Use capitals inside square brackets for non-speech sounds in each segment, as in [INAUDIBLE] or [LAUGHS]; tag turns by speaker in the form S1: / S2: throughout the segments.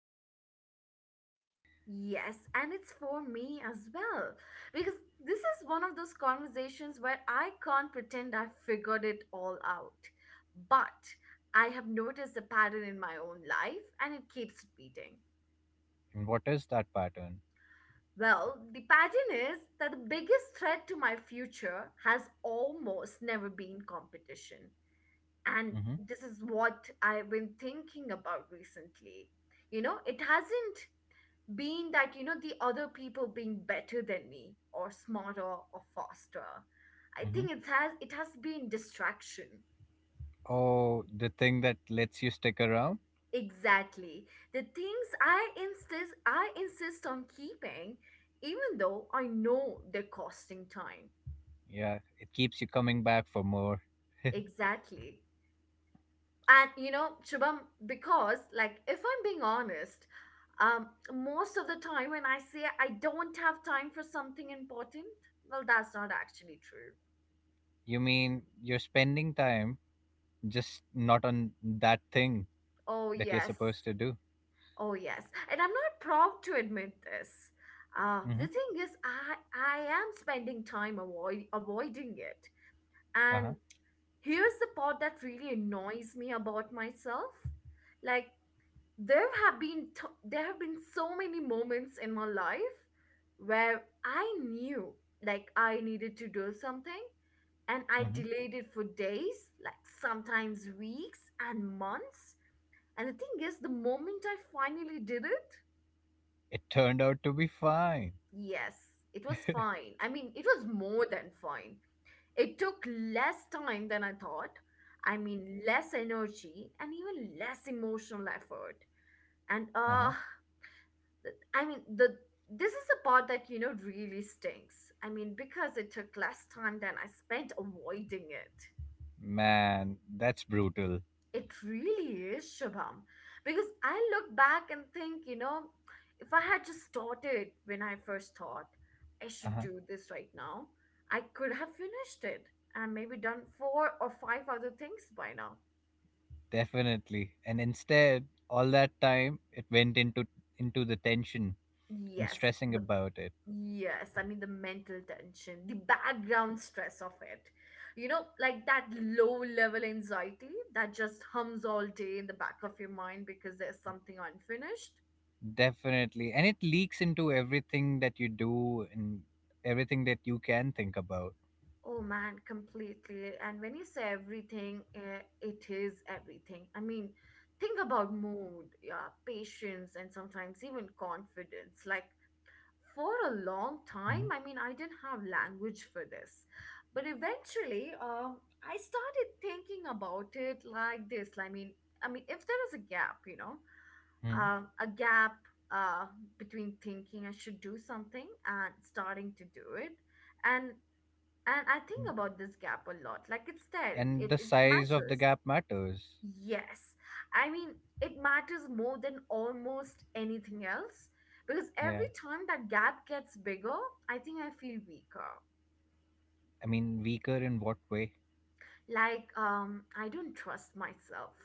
S1: usually the best ones for me.
S2: Yes, and it's for me as well. Because this is one of those conversations where I can't pretend I figured it all out. But I have noticed a pattern in my own life and it keeps repeating.
S1: And what is that pattern?
S2: Well, the pattern is that the biggest threat to my future has almost never been competition. And
S1: hmm
S2: this is what I've been thinking about recently. You know, it hasn't being that, you know, the other people being better than me or smarter or faster. I
S1: hmm
S2: think it has been distraction.
S1: Oh, the thing that lets you stick around?
S2: Exactly. The things I insist on keeping, even though I know they're costing time.
S1: Yeah, it keeps you coming back for more. [LAUGHS]
S2: Exactly. And you know, Shubham, because like, if I'm being honest, um most of the time when I say I don't have time for something important, well, that's not actually true.
S1: You mean you're spending time just not on that thing
S2: Oh,
S1: that you're
S2: yes.
S1: supposed to do?
S2: Oh, yes, and I'm not proud to admit this. The
S1: hmm
S2: thing is, I am spending time avoiding it.
S1: Uh-huh.
S2: And here's the part that really annoys me about myself. Like, there have been so many moments in my life where I knew, like, I needed to do something, and I
S1: hmm
S2: delayed it for days, like sometimes weeks and months. And the thing is, the moment I finally did it,
S1: It turned out to be fine.
S2: yes, it was fine. I mean, it was more than fine. It took less time than I thought. I mean, less energy and even less emotional effort. And
S1: Uh-huh.
S2: th- I mean, the this is the part that really stinks. I mean, because it took less time than I spent avoiding it.
S1: Man, that's brutal.
S2: It really is, Shubham. Because I look back and think, you know, if I had just started when I first thought I should
S1: Uh-huh.
S2: do this right now, I could have finished it and maybe done four or five other things by now.
S1: Definitely. And instead, all that time it went into the tension and
S2: Yes,
S1: stressing
S2: the
S1: about it.
S2: yes, I mean, the mental tension, the background stress of it. You know, like that low level anxiety that just hums all day in the back of your mind because there's something unfinished.
S1: Definitely. And it leaks into everything that you do and everything that you can think about.
S2: Oh man, completely. And when you say everything, it is everything. I mean, think about mood, yeah, patience, and sometimes even confidence. Like, for a long time,
S1: hmm
S2: I mean, I didn't have language for this. But eventually, I started thinking about it like this. I mean, if there is a gap, you know, a gap uh, between thinking I should do something and starting to do it. And and I think about this gap a lot. Like, it's there. It,
S1: And
S2: it
S1: the
S2: it
S1: size of the
S2: matters.
S1: gap matters.
S2: Yes. I mean, it matters more than almost anything else because
S1: Yeah.
S2: every time that gap gets bigger, I think I feel weaker.
S1: I mean, weaker in what way?
S2: Like, I don't trust myself.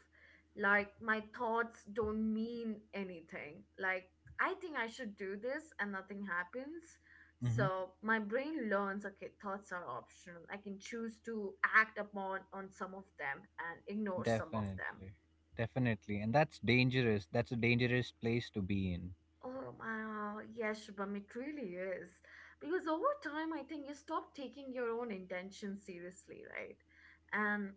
S2: Like, my thoughts don't mean anything. Like, I think I should do this and nothing happens,
S1: hmm
S2: so my brain learns, okay, thoughts are optional. I can choose to act upon on some of them and ignore some of them.
S1: Definitely. Definitely. And that's dangerous. That's a dangerous place to be in.
S2: Oh, my, yes, Shubham, it really is. Because over time, I think you stop taking your own intentions seriously, right? And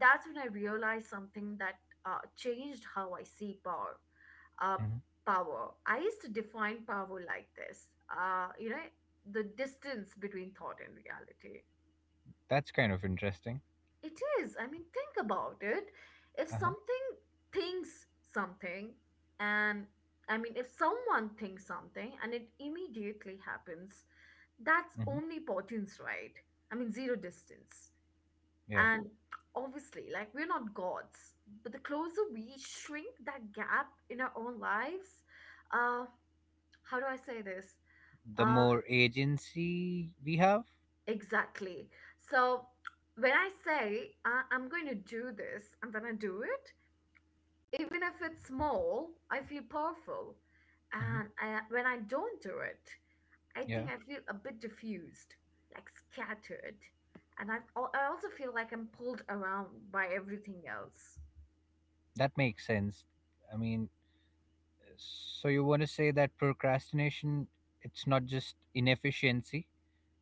S2: that's when I realized something that changed how I see power. Uh,
S1: hmm
S2: power. I used to define power like this, you know, the distance between thought and reality.
S1: That's kind of interesting.
S2: It is. I mean, think about it. If
S1: Uh huh.
S2: something thinks something, and I mean, if someone thinks something and it immediately happens, that's
S1: hmm
S2: omnipotence, right? I mean, zero distance.
S1: Yeah.
S2: And obviously, like, we're not gods, but the closer we shrink that gap in our own lives, uh, how do I say this?
S1: The
S2: Uh,
S1: more agency we have.
S2: exactly. So, when I say, I'm going to do this, I'm going to do it, even if it's small, I feel powerful.
S1: hmm
S2: And when I don't do it, I think
S1: Yeah,
S2: I feel a bit diffused, like scattered. And I also feel like I'm pulled around by everything else.
S1: that makes sense. I mean, so you want to say that procrastination, it's not just inefficiency,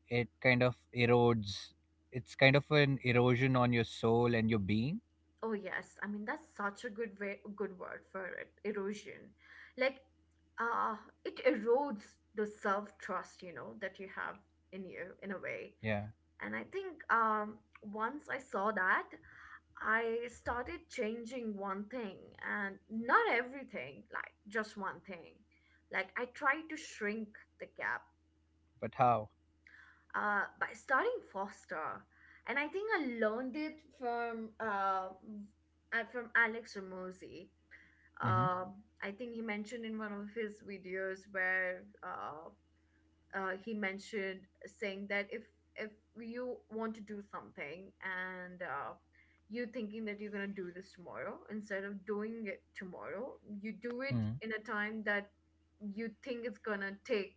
S1: it kind of erodes, it's kind of an erosion on your soul and your being.
S2: Oh yes, I mean, that's such a good word for it, erosion. Like, uh, it erodes the self trust, you know, that you have in you in a way.
S1: Yeah,
S2: And I think, once I saw that, I started changing one thing and not everything, like just one thing. Like, I tried to shrink the gap
S1: but how?
S2: by starting foster. And I think I learned it from Alex Ramosi.
S1: Mm-hmm.
S2: Um, I think he mentioned in one of his videos where he mentioned saying that if you want to do something, and you're thinking that you're gonna do this tomorrow, instead of doing it tomorrow, you do it
S1: Mm-hmm.
S2: in a time that you think it's gonna take.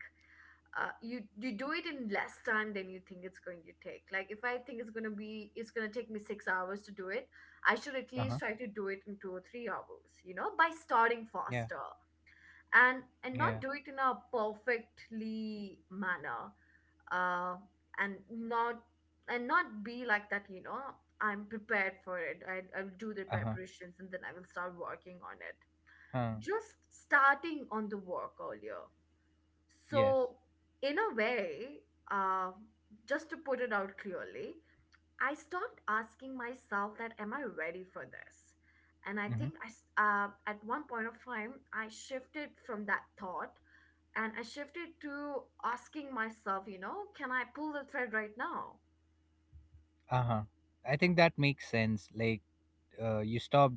S2: You do it in less time than you think it's going to take. Like, if I think it's gonna take me 6 hours to do it, I should at
S1: Uh huh.
S2: least try to do it in 2 or 3 hours. You know, by starting
S1: Yeah,
S2: faster and
S1: yeah.
S2: not do it in a perfectly manner, uh, and not and not be like that, you know, I'm prepared for it. I'll do the
S1: Uh huh.
S2: preparations and then I will start working on it.
S1: Huh.
S2: Just starting on the work earlier.
S1: Yes.
S2: So, in a way, uh, just to put it out clearly, I stopped asking myself that, am I ready for this? And I
S1: Mm-hmm.
S2: think at one point of time I shifted from that thought, and I shifted to asking myself, you know, can I pull the thread right now?
S1: Uh huh. I think that makes sense. Like, you stop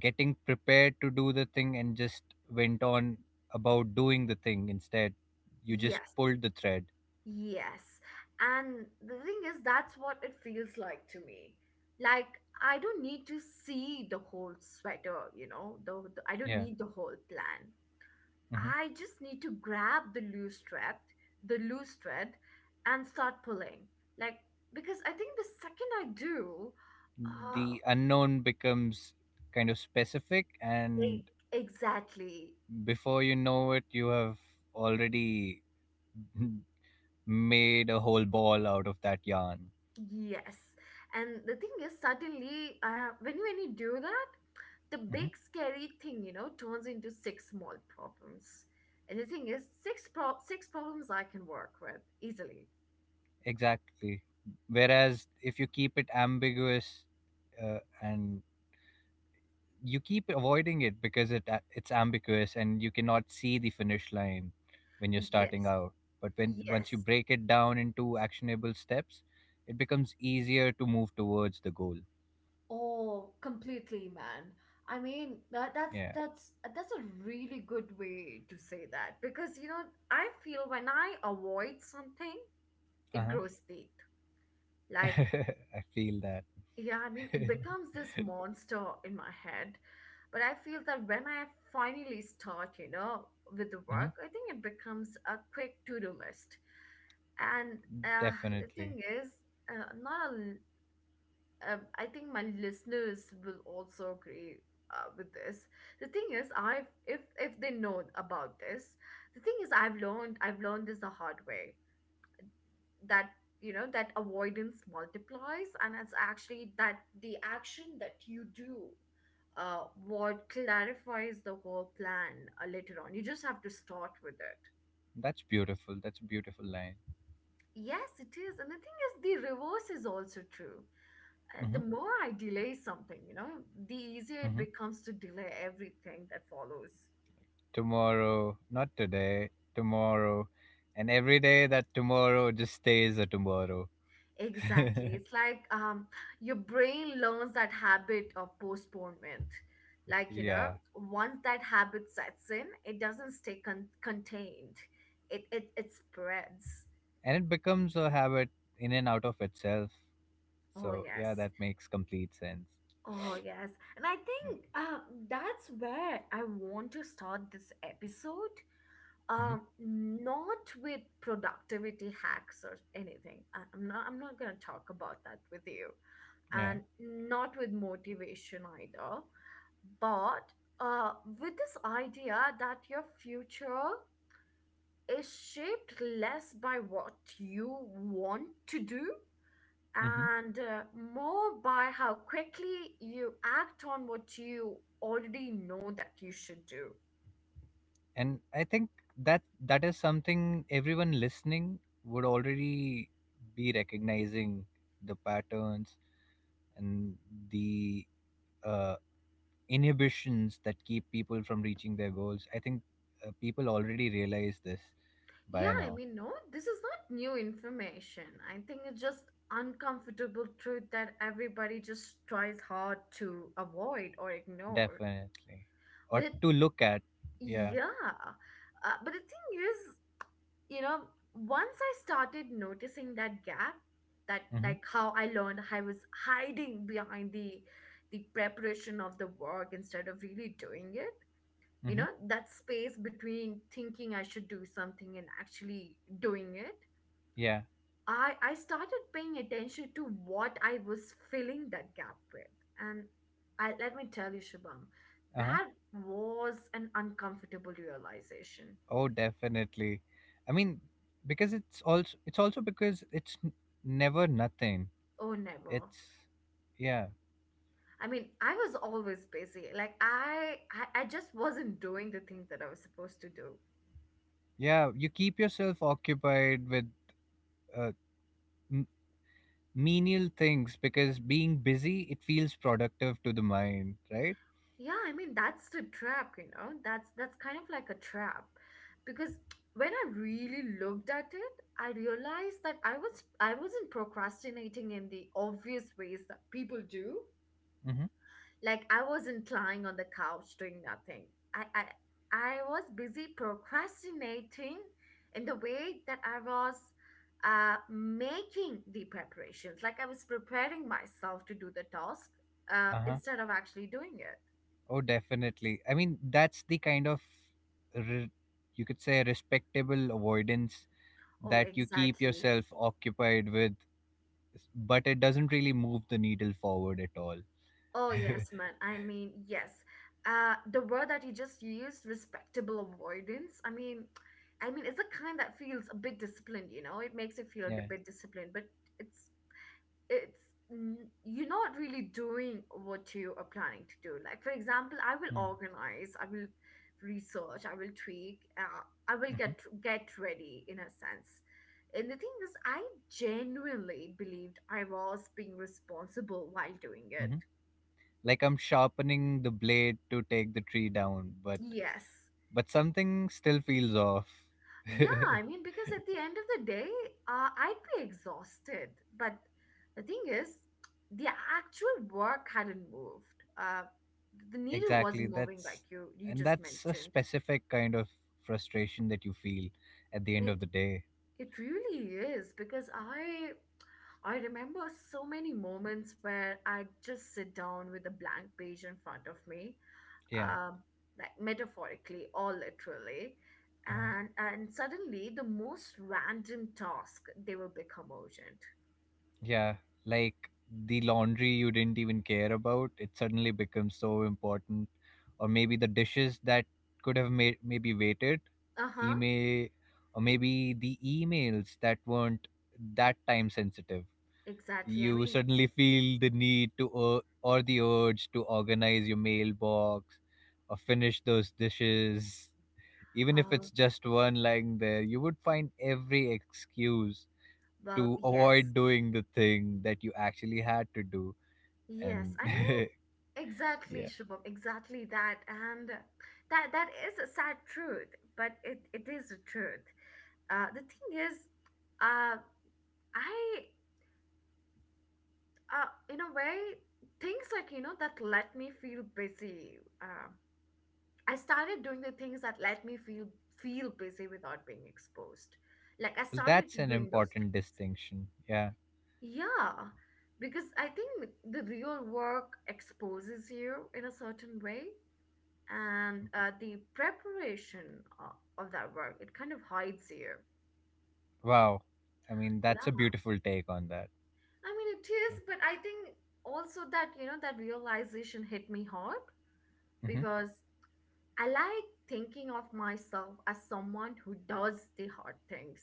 S1: getting prepared to do the thing and just went on about doing the thing instead. You just
S2: Yes,
S1: pulled the thread.
S2: yes. And the thing is, that's what it feels like to me. Like, I don't need to see the whole sweater, you know, I don't
S1: Yeah.
S2: need the whole plan.
S1: hmm
S2: I just need to grab the loose thread, the loose thread, and start pulling. Like, because I think the second I do, uh,
S1: The unknown becomes kind of specific,
S2: e-
S1: and
S2: exactly.
S1: before you know it, you have already [LAUGHS] made a whole ball out of that yarn.
S2: Yes. And the thing is, suddenly, when, you do that, the
S1: hmm
S2: big scary thing, you know, turns into six small problems. And the thing is, six problems I can work with easily.
S1: Exactly. Whereas if you keep it ambiguous and you keep avoiding it because it's ambiguous and you cannot see the finish line when you're starting
S2: Yes.
S1: out, but when once you
S2: Yes.
S1: break it down into actionable steps it becomes easier to move towards the goal.
S2: Oh, completely, man. I mean, that, that's
S1: Yeah.
S2: that's that's a really good way to say that, because you know, I feel when I avoid something, it
S1: Uh-huh.
S2: grows deep. Like,
S1: [LAUGHS] I feel that.
S2: yeah, I mean, it
S1: [LAUGHS]
S2: becomes this monster in my head. But I feel that when I finally start, you know, with the
S1: hmm
S2: work, I think it becomes a quick to do list. And uh, the
S1: Definitely.
S2: thing is, not a, l- I think my listeners will also agree with this. The thing is, I've if they know about this, the thing is, I've learned this the hard way, that you know, that avoidance multiplies, and it's actually that the action that you do, what clarifies the whole plan, later on. You just have to start with it.
S1: That's beautiful, that's a beautiful line.
S2: Yes, it is. And the thing is, the reverse is also true.
S1: hmm
S2: The more I delay something, you know, the easier it
S1: hmm
S2: becomes to delay everything that follows.
S1: Tomorrow, not today, tomorrow. And every day that tomorrow just stays a tomorrow.
S2: Exactly. It's
S1: [LAUGHS]
S2: like, your brain learns that habit of postponement. Like, you know,
S1: Yeah.
S2: once that habit sets in, it doesn't stay contained. It spreads.
S1: And it becomes a habit in and out of itself.
S2: Oh
S1: So yeah,
S2: yes.
S1: that makes complete sense.
S2: Oh yes. And I think that's where I want to start this episode.
S1: Mm-hmm.
S2: Not with productivity hacks or anything. I'm not gonna talk about that with you.
S1: Yeah.
S2: And not with motivation either, but uh, with this idea that your future is shaped less by what you want to do,
S1: Mm-hmm.
S2: and more by how quickly you act on what you already know that you should do.
S1: And I think that that is something everyone listening would already be recognizing: the patterns and the uh, inhibitions that keep people from reaching their goals. I think people already realize this by
S2: Yeah, I
S1: now.
S2: mean, no, this is not new information. I think it's just uncomfortable truth that everybody just tries hard to avoid or ignore.
S1: Definitely.
S2: But
S1: Or
S2: it
S1: to look at. Yeah.
S2: Yeah. But the thing is, you know, once I started noticing that gap, that
S1: Mm-hmm.
S2: like how I learned I was hiding behind the preparation of the work instead of really doing it, you
S1: Mm-hmm.
S2: know, that space between thinking I should do something and actually doing it,
S1: Yeah.
S2: I started paying attention to what I was filling that gap with. And I let me tell you, Shubham,
S1: Uh-huh.
S2: that was an uncomfortable realization.
S1: Oh, definitely. I mean, because it's also because never nothing.
S2: Oh, never.
S1: It's, yeah,
S2: I mean, I was always busy. Like I just wasn't doing the thing that I was supposed to do.
S1: yeah. You keep yourself occupied with uh, m- menial things because being busy it feels productive to the mind, right?
S2: Yeah, I mean, that's the trap, you know. That's kind of like a trap, because when I really looked at it, I realized that I wasn't procrastinating in the obvious ways that people do.
S1: Mm-hmm.
S2: Like I wasn't lying on the couch doing nothing. I I I was busy procrastinating in the way that I was making the preparations. Like I was preparing myself to do the task
S1: Uh huh.
S2: instead of actually doing it.
S1: Oh, definitely. I mean, that's the kind of re- you could say respectable avoidance
S2: Oh,
S1: that you keep
S2: exactly.
S1: yourself occupied with, but it doesn't really move the needle forward at all.
S2: Oh, yes,
S1: [LAUGHS]
S2: man. I mean, yes. The word that you just used, respectable avoidance. I mean, it's a kind that feels a bit disciplined, you know? It makes you feel a
S1: Yeah.
S2: bit disciplined, but it's it's you're not really doing what you are planning to do. Like, for example, I will
S1: Mm.
S2: organize, I will research, I will tweak, I will
S1: Mhm.
S2: get ready in a sense. And the thing is, I genuinely believed I was being responsible while doing it.
S1: Mhm. Like I'm sharpening the blade to take the tree down,
S2: Yes.
S1: but something still feels off.
S2: Yeah,
S1: [LAUGHS]
S2: I mean, because at the end of the day, I'd be exhausted. But the thing is, the actual work hadn't moved. Uh, the needle
S1: Exactly.
S2: wasn't moving, like you just
S1: That's a
S2: mentioned.
S1: specific kind of frustration that you feel at the end of
S2: It
S1: the day.
S2: it really is, because I remember so many moments where I'd just sit down with a blank page in front of me,
S1: Yeah.
S2: um, like metaphorically or literally,
S1: Uh,
S2: and suddenly the most random task they will become urgent.
S1: yeah. Like the laundry you didn't even care about, it suddenly becomes so important. Or maybe the dishes that could have made maybe waited,
S2: Uh-huh,
S1: email or maybe the emails that weren't that time sensitive.
S2: exactly. I
S1: You
S2: mean,
S1: suddenly feel the need to or the urge to organize your mailbox or finish those dishes. Even if it's
S2: uh,
S1: just one lying there, you would find every excuse
S2: well,
S1: to
S2: yes,
S1: avoid doing the thing that you actually had to do.
S2: yes.
S1: And
S2: I
S1: [LAUGHS]
S2: mean, exactly,
S1: yeah.
S2: Shubham, exactly that. And that is a sad truth, but it is a truth. The thing is, uh, I, in a way, things like, you know, that let me feel busy. I started doing the things that let me feel busy without being exposed. Like I
S1: Well,
S2: started
S1: that's an
S2: doing those
S1: important
S2: things.
S1: distinction, yeah.
S2: Yeah, because I think the real work exposes you in a certain way, and the preparation of that work, it kind of hides you.
S1: Wow, I mean, that's a
S2: Yeah,
S1: beautiful take on that.
S2: I mean, it is,
S1: Yeah.
S2: but I think also that, you know, that realization hit me hard
S1: Mhm.
S2: because I like thinking of myself as someone who does the hard things.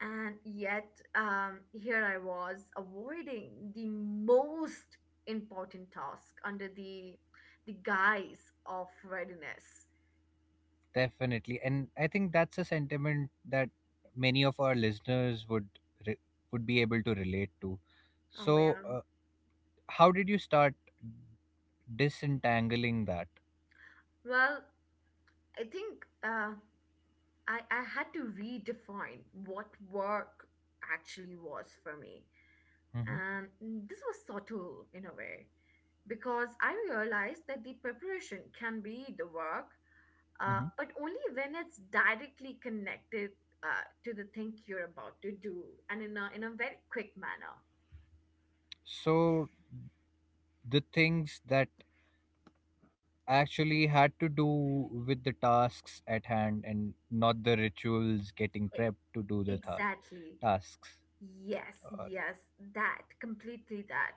S2: And yet, here I was avoiding the most important task under the guise of readiness.
S1: Definitely, and I think that's a sentiment that many of our listeners would re- would be able to relate to.
S2: Oh
S1: So,
S2: yeah.
S1: how did you start disentangling that?
S2: Well, I think I had to redefine what work actually was for me,
S1: hmm
S2: and this was subtle in a way because I realized that the preparation can be the work,
S1: hmm
S2: but only when it's directly connected to the thing you're about to do, and in a very quick manner.
S1: So the things that actually had to do with the tasks at hand and not the rituals getting
S2: E-
S1: prepped to do the
S2: exactly.
S1: tasks.
S2: Yes,
S1: Or,
S2: yes, that, completely that.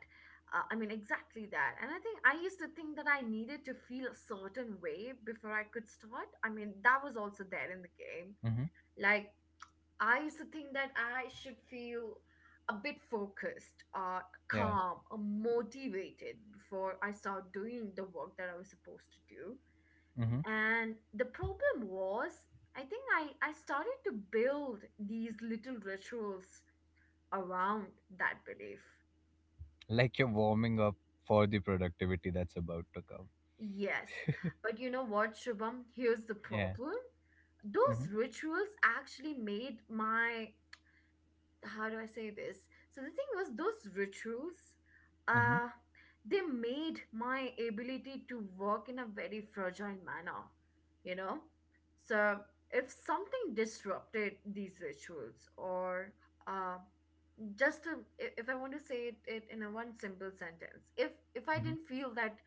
S2: I mean, exactly that. And I think I used to think that I needed to feel a certain way before I could start. I mean, that was also there in the game.
S1: hmm
S2: Like, I used to think that I should feel a bit focused,
S1: yeah.
S2: calm, motivated before I start doing the work that I was supposed to do.
S1: hmm
S2: And the problem was, I think I started to build these little rituals around that belief.
S1: Like you're warming up for the productivity that's about to come.
S2: Yes. But you know what, Shubham? Here's the
S1: Yeah.
S2: problem:
S1: Mm-hmm.
S2: those rituals actually made my, how do I say this? So the thing was, those rituals,
S1: Mm-hmm,
S2: uh, they made my ability to work in a very fragile manner, you know? So if something disrupted these rituals, or uh, just to, if I want to say it, it in a one simple sentence, if I
S1: mm-hmm,
S2: didn't feel that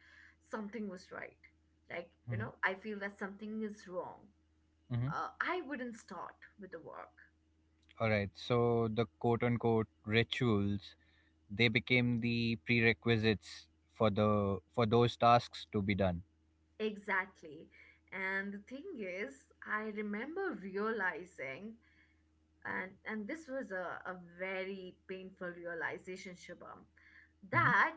S2: something was right, like, you
S1: mm-hmm,
S2: know, I feel that something is wrong,
S1: mm-hmm.
S2: I wouldn't start with the work.
S1: All right. So the quote unquote rituals, they became the prerequisites for those tasks to be done.
S2: Exactly. And the thing is, I remember realizing, and this was a very painful realization, Shubham,
S1: Mm-hmm.
S2: that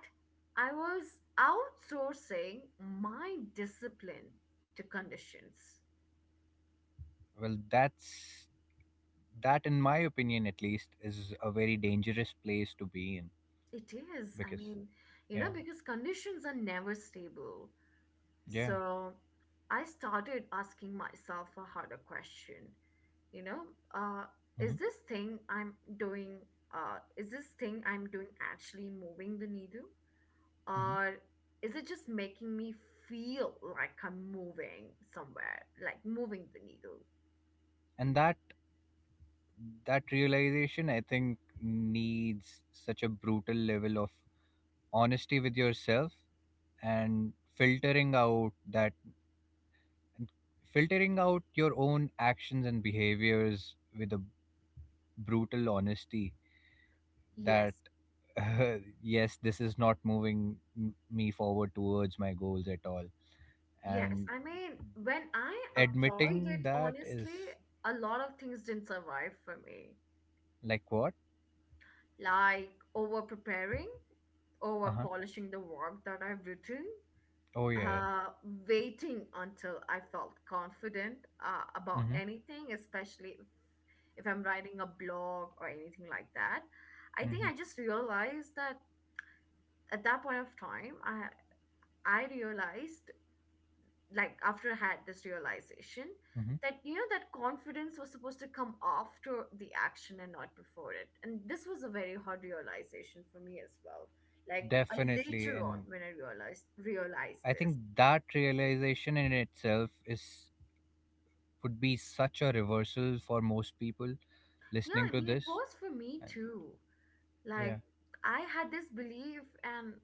S2: I was outsourcing my discipline to conditions.
S1: Well, that's in my opinion, at least, is a very dangerous place to be in
S2: It is, I
S1: because
S2: mean, you know,
S1: yeah,
S2: because conditions are never stable.
S1: yeah,
S2: So I started asking myself a harder question. You know, uh, is
S1: mm-hmm,
S2: this thing i'm doing is this thing I'm doing actually moving the needle,
S1: mm-hmm.
S2: or is it just making me feel like I'm moving somewhere, like moving the needle?
S1: And that that realization, I think, needs such a brutal level of honesty with yourself and filtering out that And filtering out your own actions and behaviors with a brutal honesty, that
S2: Yes,
S1: [LAUGHS] yes, this is not moving me forward towards my goals at all,
S2: yes,
S1: and
S2: I mean, when I applied
S1: admitting
S2: it
S1: that is
S2: honestly, a lot of things didn't survive for me.
S1: like what.
S2: Like, over preparing, over
S1: Uh-huh.
S2: polishing the work that I've written,
S1: Oh yeah.
S2: uh, waiting until I felt confident about
S1: Mm-hmm,
S2: anything, especially if I'm writing a blog or anything like that. I
S1: mm-hmm,
S2: think I just realized that at that point of time, I realized, like after I had this realization,
S1: mm-hmm.
S2: that, you know, that confidence was supposed to come after the action and not before it, and this was a very hard realization for me as well. Like,
S1: Definitely.
S2: later on
S1: And
S2: when I realized
S1: I think
S2: this.
S1: that realization in itself is would be such a reversal for most people
S2: Yeah,
S1: listening
S2: I
S1: to
S2: mean, it
S1: this.
S2: was for me
S1: I mean,
S2: too.
S1: yeah.
S2: Like, I had this belief, and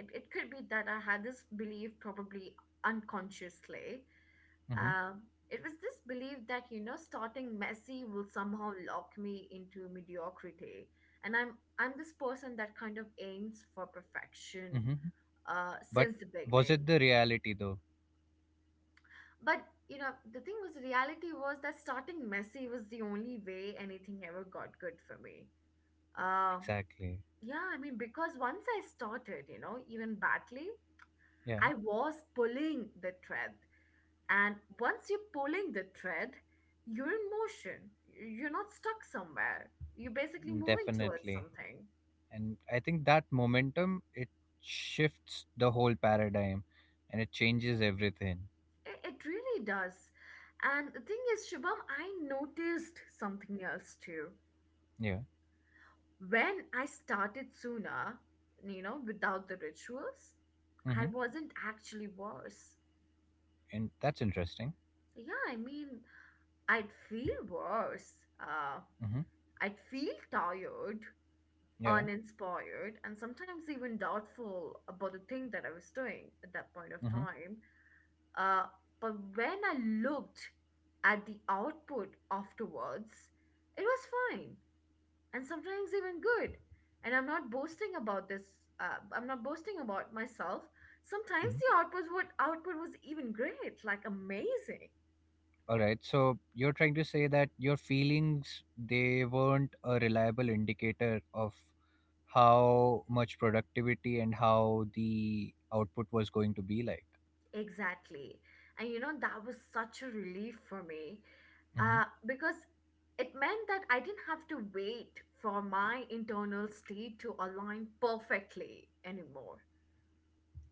S2: it could be that I had this belief probably unconsciously,
S1: Mm-hmm,
S2: um, it was this belief that, you know, starting messy will somehow lock me into mediocrity, and I'm this person that kind of aims for perfection,
S1: mm-hmm. But
S2: since the
S1: was
S2: beginning.
S1: it the reality though?
S2: But, you know, the thing was, reality was that starting messy was the only way anything ever got good for me. Uh.
S1: Exactly.
S2: Yeah, I mean, because once I started, you know, even badly,
S1: Yeah.
S2: I was pulling the thread. And once you're pulling the thread, you're in motion. You're not stuck somewhere. You're basically moving towards
S1: Definitely.
S2: something.
S1: And I think that momentum, it shifts the whole paradigm and it changes everything.
S2: It really does. And the thing is, Shubham, I noticed something else too.
S1: Yeah.
S2: When I started sooner, you know, without the rituals,
S1: Mm-hmm.
S2: I wasn't actually worse.
S1: And that's interesting.
S2: Yeah, I mean, I'd feel worse. Uh,
S1: Mm-hmm.
S2: I'd feel tired,
S1: Yeah.
S2: uninspired, and sometimes even doubtful about the thing that I was doing at that point of
S1: Mm-hmm.
S2: time. Uh, but when I looked at the output afterwards, it was fine, and sometimes even good. And I'm not boasting about this. I'm not boasting about myself. Sometimes
S1: Mm-hmm.
S2: the output, what output was even great, like amazing.
S1: All right. So you're trying to say that your feelings, they weren't a reliable indicator of how much productivity and how the output was going to be like.
S2: Exactly. And you know, that was such a relief for me,
S1: Mm-hmm.
S2: because it meant that I didn't have to wait for my internal state to align perfectly anymore.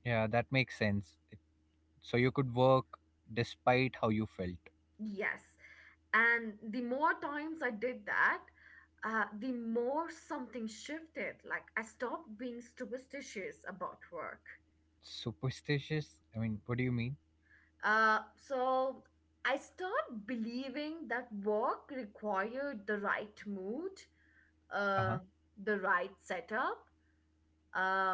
S1: Yeah, that makes sense. So you could work despite how you felt.
S2: Yes. And the more times I did that, the more something shifted. Like, I stopped being superstitious about work.
S1: Superstitious? I mean, what do you mean?
S2: So I stopped believing that work required the right mood,
S1: Uh huh.
S2: uh, the right setup, uh,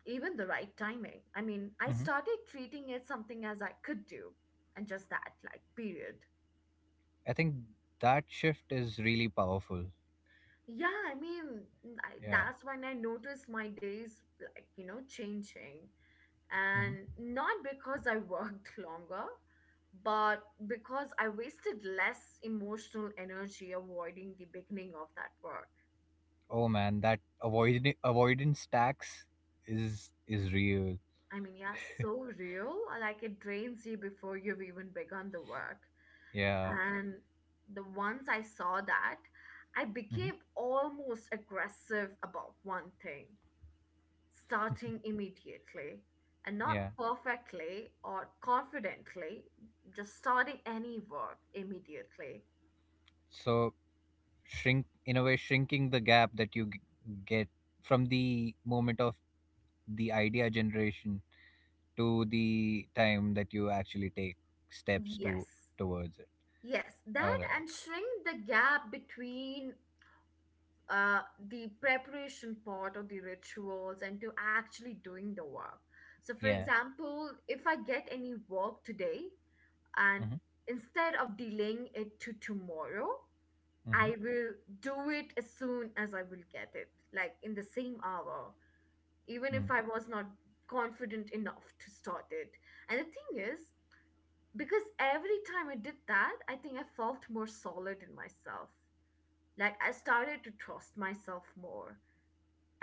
S2: even the right timing. I mean, I
S1: hmm
S2: started treating it something as I could do, and just that, like, period.
S1: I think that shift is really powerful.
S2: Yeah, I mean,
S1: Yeah.
S2: that's when I noticed my days, like, you know, changing.
S1: hmm
S2: And not because I worked [LAUGHS] longer, but because I wasted less emotional energy avoiding the beginning of that work.
S1: Oh man, that avoidance tax is real.
S2: I mean, yeah, so real. Like, it drains you before you've even begun the work.
S1: Yeah.
S2: And the once I saw that, I
S1: hmm
S2: became almost aggressive about one thing: starting immediately, and not
S1: Yeah.
S2: perfectly or confidently, just starting any work immediately.
S1: So, shrink, in a way, shrinking the gap that you get from the moment of the idea generation to the time that you actually take steps to
S2: Yes,
S1: towards it.
S2: yes,
S1: All
S2: that,
S1: right.
S2: and shrink the gap between, uh, the preparation part of the rituals and to actually doing the work. So, for
S1: Yeah.
S2: example, if I get any work today, and
S1: Mm-hmm.
S2: instead of delaying it to tomorrow,
S1: Mm-hmm.
S2: I will do it as soon as I will get it, like in the same hour, even if
S1: Mm.
S2: I was not confident enough to start it. And the thing is, because every time I did that, I think I felt more solid in myself, like I started to trust myself more,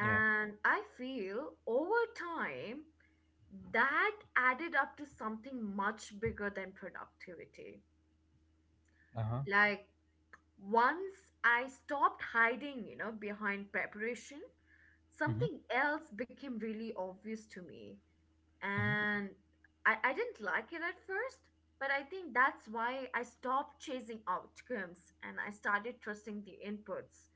S1: Yeah.
S2: I feel over time that added up to something much bigger than productivity.
S1: Uh-huh.
S2: Like, once I stopped hiding, you know, behind preparation,
S1: Mm-hmm.
S2: something else became really obvious to me.
S1: Mm-hmm.
S2: And I didn't like it at first, but I think that's why I stopped chasing outcomes and I started trusting the inputs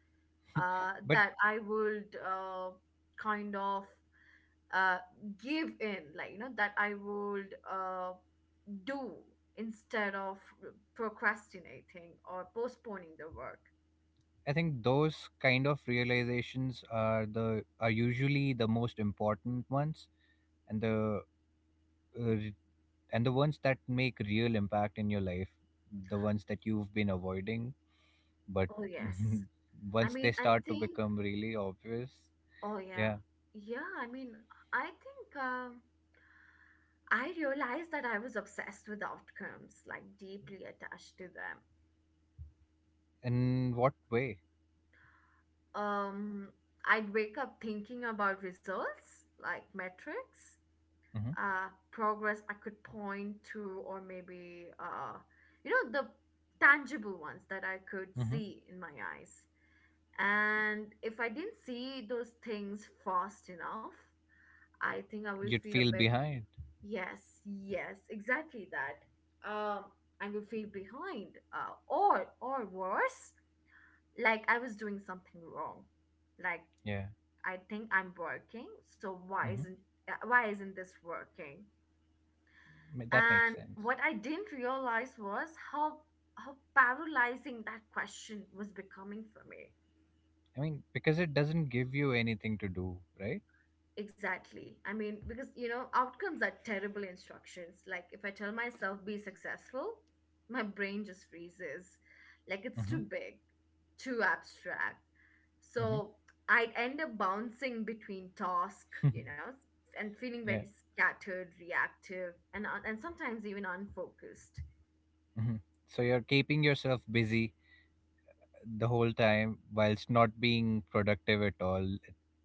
S1: But
S2: that I would, kind of, uh, give in, like, you know, that I would, do instead of procrastinating or postponing the work.
S1: I think those kind of realizations are the are usually the most important ones, and the uh, and the ones that make real impact in your life, the ones that you've been avoiding, but
S2: Oh, yes.
S1: [LAUGHS]
S2: I
S1: once they
S2: mean, I
S1: start to
S2: think,
S1: become really obvious,
S2: oh yeah.
S1: yeah.
S2: Yeah, I mean, I think I realized that I was obsessed with outcomes, like deeply attached to them.
S1: In what way?
S2: Um, I'd wake up thinking about results, like metrics,
S1: Mm-hmm.
S2: progress I could point to, or maybe, you know, the tangible ones that I could
S1: Mm-hmm.
S2: see in my eyes. And if I didn't see those things fast enough, I think I will
S1: You'd
S2: feel a
S1: feel
S2: bit.
S1: behind.
S2: Yes, yes, exactly that. Um, I would feel behind, or worse, like I was doing something wrong. Like,
S1: Yeah.
S2: I think I'm working, so why isn't, why isn't this working?
S1: Mm-hmm. That makes
S2: And
S1: sense.
S2: what I didn't realize was how paralyzing that question was becoming for me.
S1: I mean, because it doesn't give you anything to do, right?
S2: Exactly. I mean, because, you know, outcomes are terrible instructions. Like, if I tell myself be successful, my brain just freezes. Like, it's
S1: Mm-hmm.
S2: too big, too abstract.
S1: Mm-hmm.
S2: So I'd end up bouncing between task, you know, and feeling very
S1: [LAUGHS] Yeah.
S2: scattered, reactive, and sometimes even unfocused.
S1: Mm-hmm. So you're keeping yourself busy the whole time whilst not being productive at all,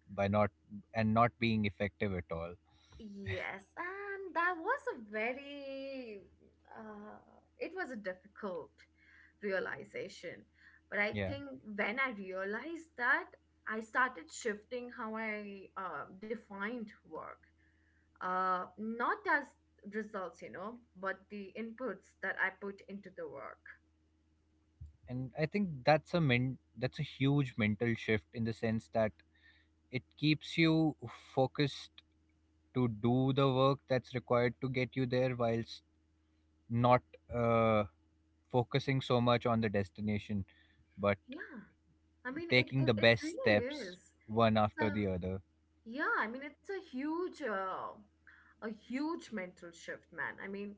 S1: by not and not being effective at all.
S2: Yes, and that was a very, uh, it was a difficult realization. But I
S1: Yeah.
S2: think when I realized that, I started shifting how I defined work. Not as results, you know, but the inputs that I put into the work.
S1: And I think that's a that's a huge mental shift in the sense that it keeps you focused to do the work that's required to get you there whilst not uh, focusing so much on the destination, but
S2: Yeah, I mean, it,
S1: taking the
S2: it, it
S1: best
S2: really
S1: steps
S2: is.
S1: one
S2: It's
S1: after
S2: a,
S1: the other.
S2: yeah, I mean, it's a huge mental shift, man. I mean,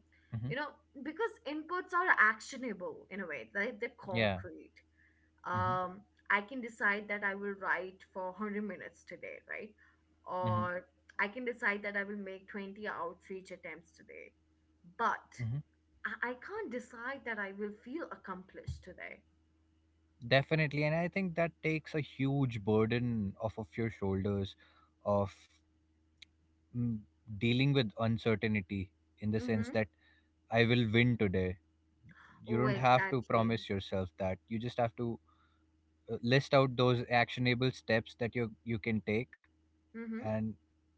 S2: you know, because inputs are actionable in a way, right? They're
S1: Yeah.
S2: concrete.
S1: Mm-hmm.
S2: Um, I can decide that I will write for 100 minutes today, right?
S1: Mm-hmm.
S2: Or I can decide that I will make 20 outreach attempts today. But
S1: Mm-hmm.
S2: I can't decide that I will feel accomplished today.
S1: Definitely. And I think that takes a huge burden off of your shoulders of mm, dealing with uncertainty in the sense
S2: Mm-hmm.
S1: that I will win today. You
S2: Oh,
S1: don't have to
S2: exactly.
S1: promise yourself that. You just have to list out those actionable steps that you can take,
S2: Mm-hmm.
S1: and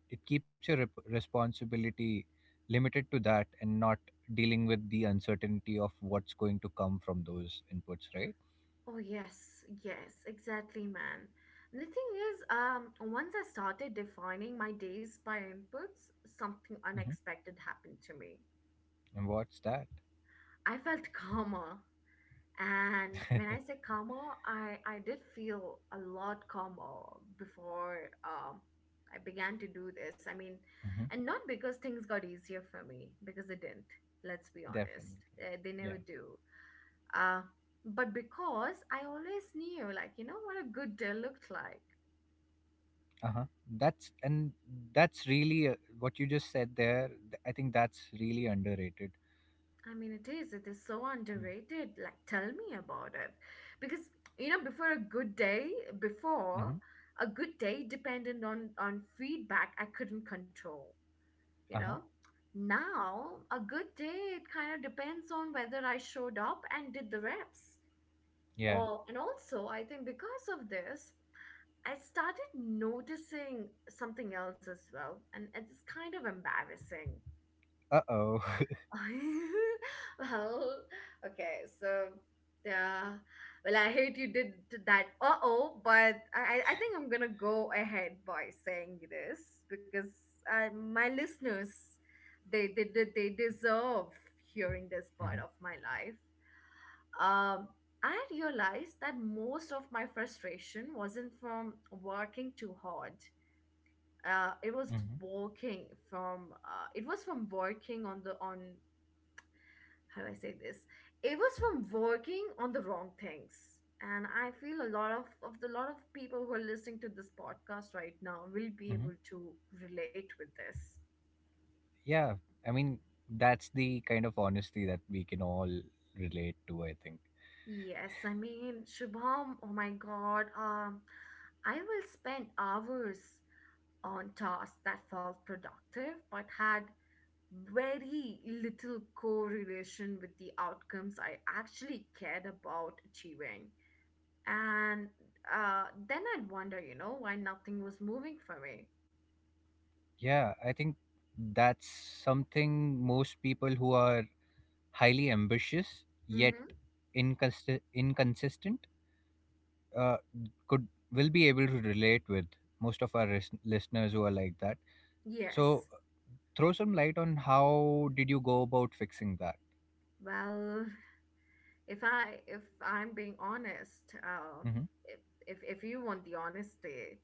S1: it keeps your responsibility limited to that and not dealing with the uncertainty of what's going to come from those inputs, right?
S2: Oh yes, yes, exactly, man. And the thing is, once I started defining my days by inputs, something
S1: Mm-hmm.
S2: unexpected happened to me.
S1: And what's that?
S2: I felt [LAUGHS] calmer. And when I say
S1: [LAUGHS]
S2: calmer, I did feel a lot calmer before um, I began to do this. I mean,
S1: Mhm.
S2: and not because things got easier for me, because they didn't. Let's be honest,
S1: Definitely.
S2: they never
S1: Yeah.
S2: do. Uh, but because I always knew, like, you know, what a good deal looked like.
S1: Uh-huh. That's and that's really what you just said there. I think that's really underrated.
S2: I mean, it is so
S1: Mm-hmm.
S2: underrated. Like, tell me about it. Because, you know, before
S1: Mm-hmm.
S2: a good day depended on feedback I couldn't control, you
S1: Uh-huh.
S2: know? Now, a good day, it kind of depends on whether I showed up and did the reps.
S1: Yeah.
S2: Or, and also, I think because of this, I started noticing something else as well, and it's kind of embarrassing.
S1: Uh-oh. [LAUGHS]
S2: [LAUGHS] well, okay, so yeah. Well, I hate you did that. Uh oh, but I think I'm gonna go ahead by saying this because my listeners, they they they deserve hearing this part
S1: Mhm.
S2: of my life. Um, I realized that most of my frustration wasn't from working too hard. Uh, it was
S1: Mhm.
S2: working from uh, it was from working on the on, how do I say this? It was from working on the wrong things. And I feel a lot of the lot of people who are listening to this podcast right now will be
S1: Mhm.
S2: able to relate with this.
S1: Yeah. I mean, that's the kind of honesty that we can all relate to, I think.
S2: Yes, I mean Shubham, oh my god, I will spend hours on tasks that felt productive but had very little correlation with the outcomes I actually cared about achieving. And then I'd wonder, you know, why nothing was moving for me.
S1: Yeah, I think that's something most people who are highly ambitious yet
S2: Mm-hmm.
S1: inconsistent uh, could will be able to relate with. Most of our listeners who are like that.
S2: Yes.
S1: So throw some light on how did you go about fixing that?
S2: Well, if I'm being honest,
S1: hmm
S2: if if you want the honesty,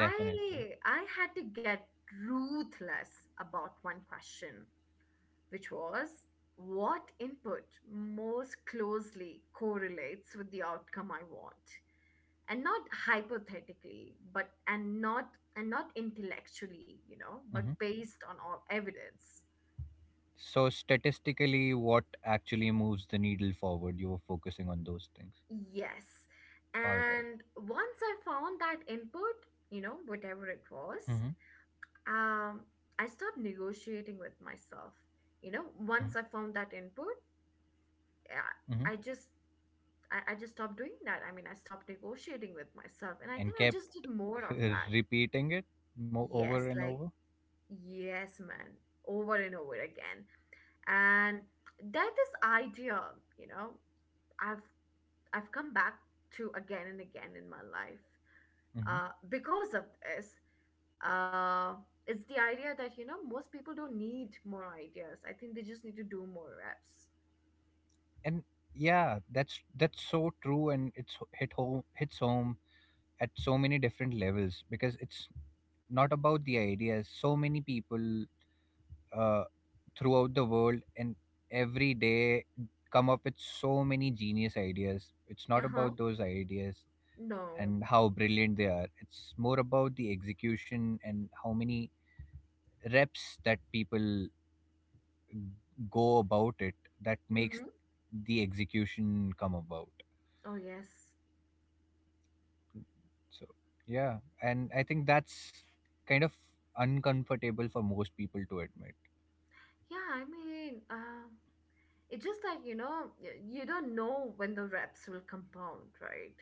S1: Definitely.
S2: I had to get ruthless about one question, which was what input most closely correlates with the outcome I want. And not hypothetically but and not intellectually, you know, but
S1: hmm
S2: based on all evidence.
S1: So statistically, what actually moves the needle forward? You were focusing on those things.
S2: Yes,
S1: All right.
S2: and once I found that input, you know, whatever it was,
S1: Mm-hmm.
S2: um I stopped negotiating with myself. You know, once I found that input,
S1: Mm-hmm.
S2: I just, I just stopped doing that. I mean, I stopped negotiating with myself, and I
S1: And
S2: think I
S1: kept
S2: just did more of
S1: [LAUGHS]
S2: that.
S1: repeating it over
S2: Yes,
S1: and
S2: like,
S1: over.
S2: yes, man, over and over again. And that this idea, you know, i've I've come back to again and again in my life,
S1: hmm
S2: because of this. uh, it's the idea that, you know, most people don't need more ideas, I think they just need to do more reps.
S1: And yeah, that's so true, and it's hits home at so many different levels because it's not about the ideas. So many people uh, throughout the world and every day come up with so many genius ideas. It's not
S2: Uh-huh.
S1: about those ideas
S2: No.
S1: and how brilliant they are, it's more about the execution and how many reps that people go about it that makes
S2: Mm-hmm.
S1: the execution come about.
S2: Oh yes.
S1: So, yeah, and I think that's kind of uncomfortable for most people to admit.
S2: Yeah, I mean, it's just like, you know, you don't know when the reps will compound, right?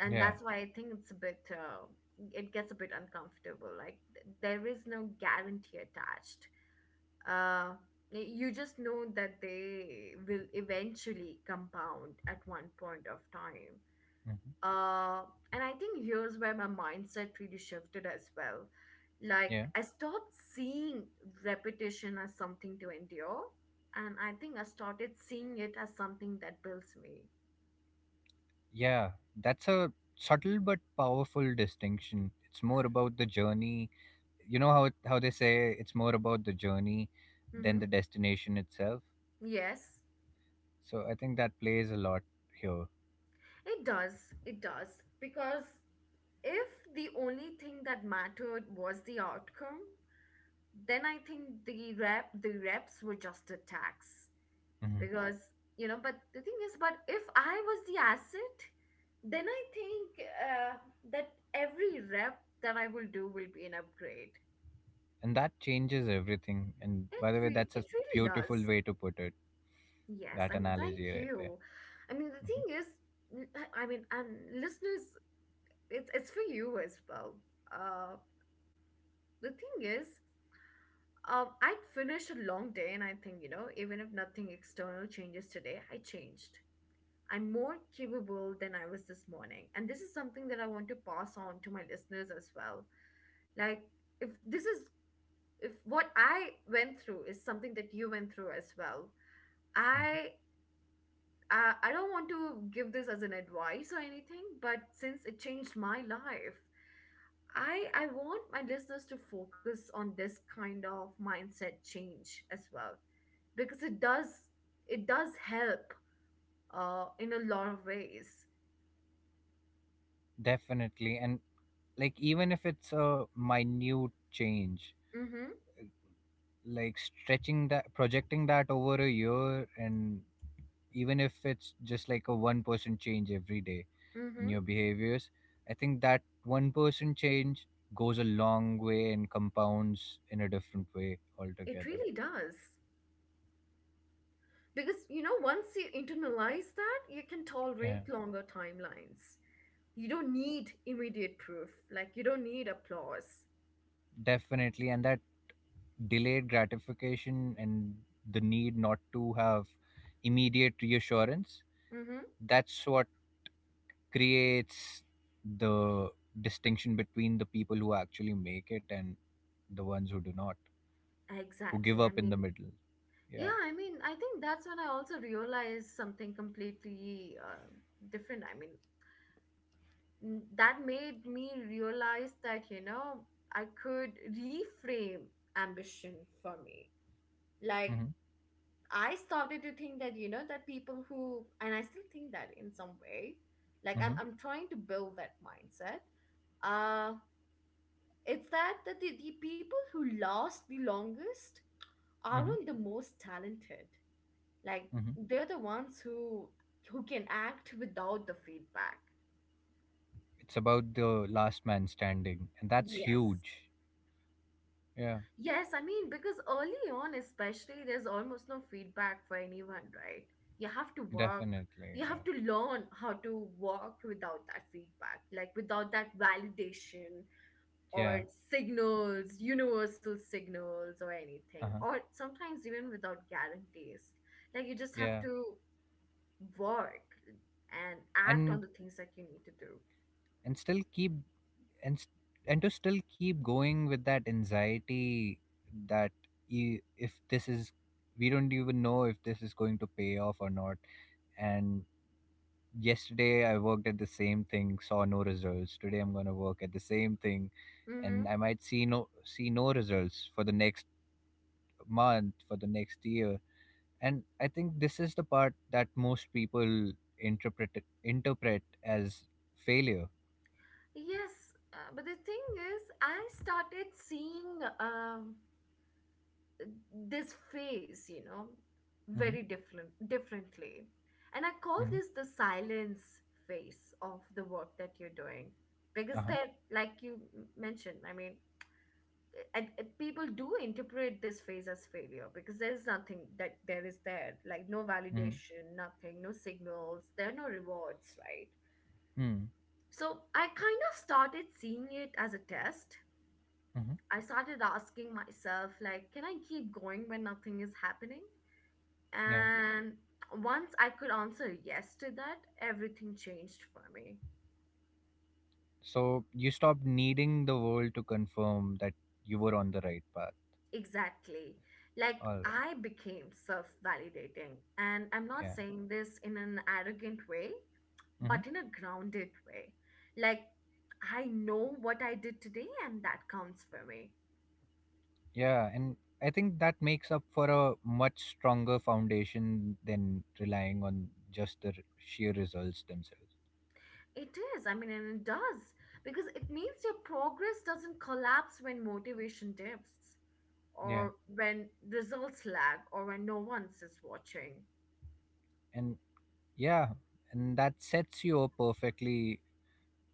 S2: And
S1: Yeah.
S2: that's why I think it's a bit it gets a bit uncomfortable. Like there is no guarantee attached. Uh, you just know that they will eventually compound at one point of time.
S1: hmm
S2: Uh, and I think here's where my mindset really shifted as well. Like
S1: Yeah.
S2: I stopped seeing repetition as something to endure, and I think I started seeing it as something that builds me.
S1: Yeah, that's a subtle but powerful distinction. It's more about the journey. You know how they say it's more about the journey than
S2: Mm-hmm.
S1: the destination itself.
S2: Yes.
S1: So I think that plays a lot here.
S2: It does. It does. Because if the only thing that mattered was the outcome, then I think the reps were just a tax.
S1: hmm
S2: Because, you know, but the thing is, but if I was the asset, then I think that every rep that I will do will be an upgrade.
S1: And that changes everything. And by the way, that's a
S2: It really
S1: beautiful
S2: does.
S1: way to put it,
S2: Yes,
S1: that
S2: I mean, thank
S1: analogy right there.
S2: you. I mean, the
S1: hmm
S2: thing is, n- I mean, and listeners, it's for you as well. Uh, the thing is, I'd finished a long day, and I think, you know, even if nothing external changes today, I changed. I'm more capable than I was this morning. And this is something that I want to pass on to my listeners as well. Like, if this is, if what I went through is something that you went through as well,
S1: hmm
S2: I. I don't want to give this as an advice or anything, but since it changed my life, I want my listeners to focus on this kind of mindset change as well. Because it does, it does help in a lot of ways.
S1: Definitely. And like even if it's a minute change,
S2: Mhm.
S1: like stretching that projecting that over a year and even if it's just like a 1% change every day in
S2: Mhm.
S1: your behaviors, I think that 1% change goes a long way and compounds in a different way
S2: It
S1: altogether.
S2: really does, because you know once you internalize that, you can
S1: Yeah,
S2: tolerate longer timelines. You don't need immediate proof, like you don't need applause.
S1: definitely. And that delayed gratification and the need not to have immediate reassurance,
S2: Mhm.
S1: that's what creates the distinction between the people who actually make it and the ones who do not, who
S2: Exactly,
S1: give
S2: I
S1: up in the
S2: mean.
S1: middle. Yeah.
S2: Yeah, I mean, I think that's when I also realized something completely different. I mean, mm, that made me realize that, you know, I could reframe ambition for me. Like,
S1: Mm-hmm.
S2: I started to think that, you know, that people who, and I still think that in some way, like I'm trying to build that mindset. uh it's the people who last the longest
S1: Hmm.
S2: aren't the most talented. Like,
S1: Hmm.
S2: they're the ones who can act without the feedback.
S1: It's about the last man standing, and that's
S2: Yes.
S1: huge. Yeah,
S2: Yes, I mean, because early on, especially, there's almost no feedback for anyone, right? You have to work,
S1: definitely.
S2: you
S1: Yeah,
S2: have to learn how to work without that feedback, like without that validation or
S1: yeah,
S2: signals, universal signals or anything,
S1: uh-huh.
S2: or sometimes even without guarantees. Like, you just have
S1: Yeah,
S2: to work and act on
S1: and
S2: the things that you need to do.
S1: and still keep and s- and to still keep going with that anxiety that, you if this is we don't even know if this is going to pay off or not. And yesterday I worked at the same thing, saw no results. Today I'm gonna work at the same thing, and
S2: Hmm.
S1: I might see no results for the next month, for the next year. And I think this is the part that most people interpret interpret as failure.
S2: Yes, but the thing is, I started seeing. This phase, you know,
S1: Mm-hmm,
S2: very different differently. And I call
S1: mm-hmm,
S2: this the silence phase of the work that you're doing, because
S1: uh-huh,
S2: they're like, you mentioned, I mean, people do interpret this phase as failure, because there's nothing that there is there, like no
S1: mm-hmm,
S2: validation, nothing, no signals, there are no rewards, right?
S1: mm-hmm,
S2: So I kind of started seeing it as a test.
S1: mm-hmm,
S2: I started asking myself, like, can I keep going when nothing is happening?
S1: yeah.
S2: And once I could answer yes to that, everything changed for me.
S1: So you stopped needing the world to confirm that you were on the right path.
S2: Exactly. Like,
S1: All right.
S2: I became self validating. And I'm not
S1: Yeah.
S2: saying this in an arrogant way,
S1: Mm-hmm.
S2: but in a grounded way. Like, I know what I did today, and that counts for me.
S1: Yeah. And I think that makes up for a much stronger foundation than relying on just the sheer results themselves.
S2: It is. I mean, and it does. Because it means your progress doesn't collapse when motivation dips,
S1: Yeah.
S2: or when results lag, or when no one is watching.
S1: And yeah, and that sets you up perfectly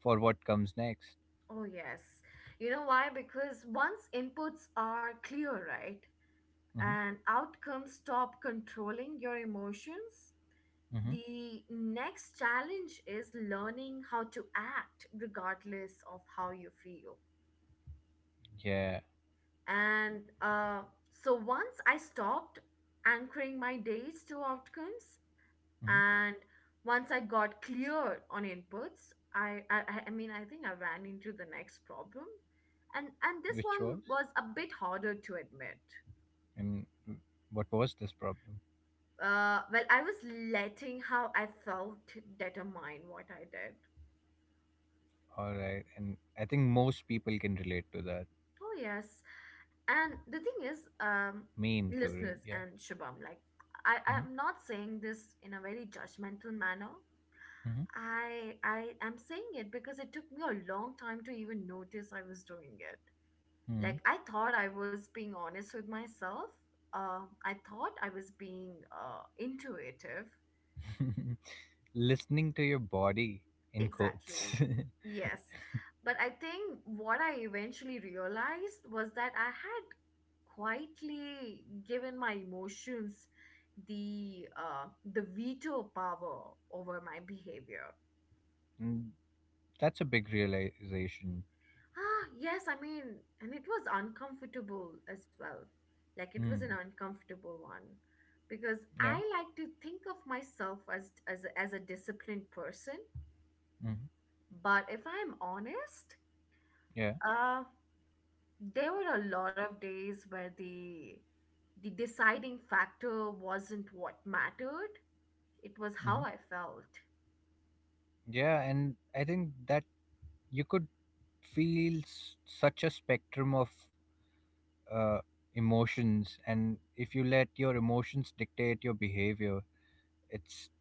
S1: for what comes next.
S2: Oh, yes. You know why? Because once inputs are clear, right,
S1: Hmm.
S2: and outcomes stop controlling your emotions,
S1: Hmm.
S2: the next challenge is learning how to act regardless of how you feel.
S1: Yeah.
S2: And so once I stopped anchoring my days to outcomes,
S1: Hmm.
S2: and once I got clear on inputs, I mean, I think I ran into the next problem, and this
S1: Which
S2: one
S1: was?
S2: was a bit harder to admit.
S1: And what was this problem?
S2: Well, I was letting how I felt determine what I did.
S1: All right. And I think most people can relate to that,
S2: Oh yes, and the thing is,
S1: me included.
S2: listeners,
S1: Yeah.
S2: and Shabam, like, i
S1: Hmm.
S2: i'm not saying this in a very judgmental manner. I am saying it because it took me a long time to even notice I was doing it.
S1: Hmm.
S2: Like, I thought I was being honest with myself, uh, I thought I was being intuitive.
S1: Hmm. [LAUGHS] Listening to your body, in quotes.
S2: Exactly.
S1: [LAUGHS]
S2: Yes, but I think what I eventually realized was that I had quietly given my emotions the uh, the veto power over my behavior.
S1: Mm, that's a big realization.
S2: Ah, yes, I mean, and it was uncomfortable as well. Like it was an
S1: Mm.
S2: uncomfortable one because
S1: Yeah.
S2: I like to think of myself as as a disciplined person,
S1: Hmm.
S2: but if I'm honest,
S1: Yeah.
S2: uh there were a lot of days where the deciding factor wasn't what mattered, it was
S1: Hmm.
S2: how I felt.
S1: Yeah. And I think that you could feels such a spectrum of uh, emotions, and if you let your emotions dictate your behavior, it's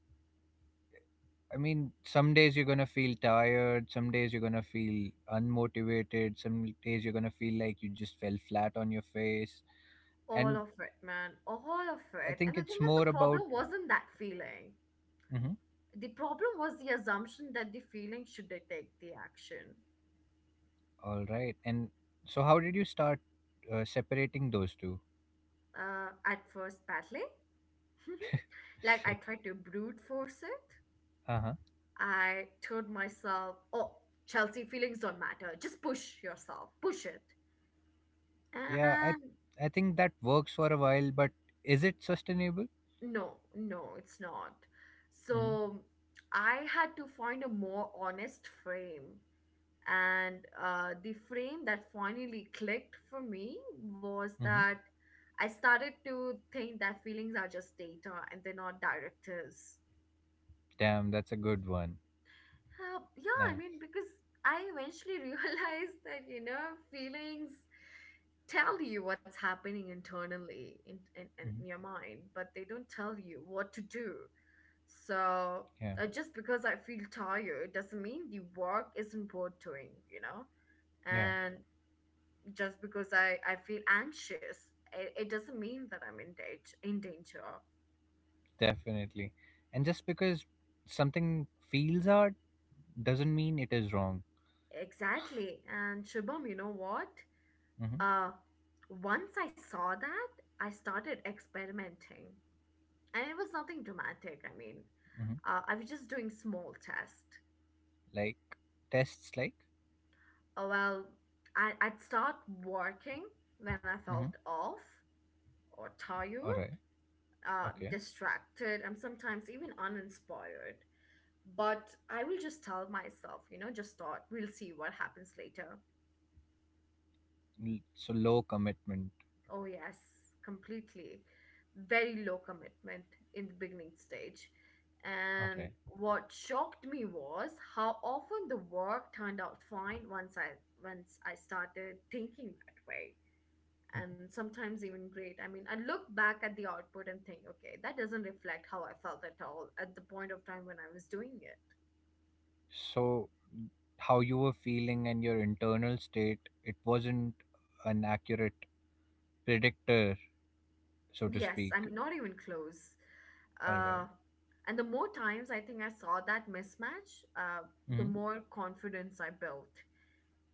S1: I mean, some days you're going to feel tired, some days you're going to feel unmotivated, some days you're going to feel like you just fell flat on your face.
S2: All of
S1: And
S2: it, man, all of
S1: I
S2: it. And
S1: think
S2: the thing
S1: it's
S2: is, the
S1: more about.
S2: problem wasn't that feeling,
S1: Mhm.
S2: the problem was the assumption that the feeling should detect the action.
S1: All right, and so how did you start separating those two?
S2: At first, badly. [LAUGHS] like I
S1: [LAUGHS]
S2: tried to brute force it.
S1: Uh-huh.
S2: I told myself, oh, Chelsea, feelings don't matter. Just push yourself, push it.
S1: Yeah,
S2: And
S1: I think that works for a while, but is it sustainable?
S2: no, no, it's not.
S1: Mm-hmm.
S2: So I had to find a more honest frame. And the frame that finally clicked for me was
S1: Hmm.
S2: that I started to think that feelings are just data and they're not directives.
S1: Damn, that's a good one.
S2: Yeah, I
S1: Nice.
S2: mean, because I eventually [LAUGHS] realized that, you know, feelings tell you what's happening internally in
S1: Hmm.
S2: your mind, but they don't tell you what to do. So
S1: Yeah,
S2: just because I feel tired doesn't mean the work isn't worth doing, you know?
S1: yeah,
S2: And just because I feel anxious, it doesn't mean that I'm in danger.
S1: definitely. And just because something feels art doesn't mean it is wrong.
S2: Exactly. And Shubham, you know what?
S1: Hmm.
S2: Uh, Once I saw that, I started experimenting. And it was nothing dramatic. I mean,
S1: Hmm.
S2: I was just doing small tests.
S1: Like tests, like.
S2: Well, I'd start working when I
S1: Hmm.
S2: felt off or
S1: All
S2: tired,
S1: right. Okay.
S2: distracted, and sometimes even uninspired. But I will just tell myself, you know, just thought we'll see what happens later.
S1: So low commitment.
S2: Oh, yes, completely. Very low commitment in the beginning stage.
S1: All
S2: And
S1: right.
S2: what shocked me was how often the work turned out fine once I started thinking that way.
S1: Hmm.
S2: And sometimes even great. I mean, I look back at the output and think, okay, that doesn't reflect how I felt at all at the point of time when I was doing it.
S1: So how you were feeling and your internal state, it wasn't an accurate predictor, so to
S2: Yes, I
S1: speak.
S2: mean, not even close.
S1: All
S2: Uh,
S1: right.
S2: And the more times I think I saw that mismatch, the
S1: Mm-hmm.
S2: more confidence I built.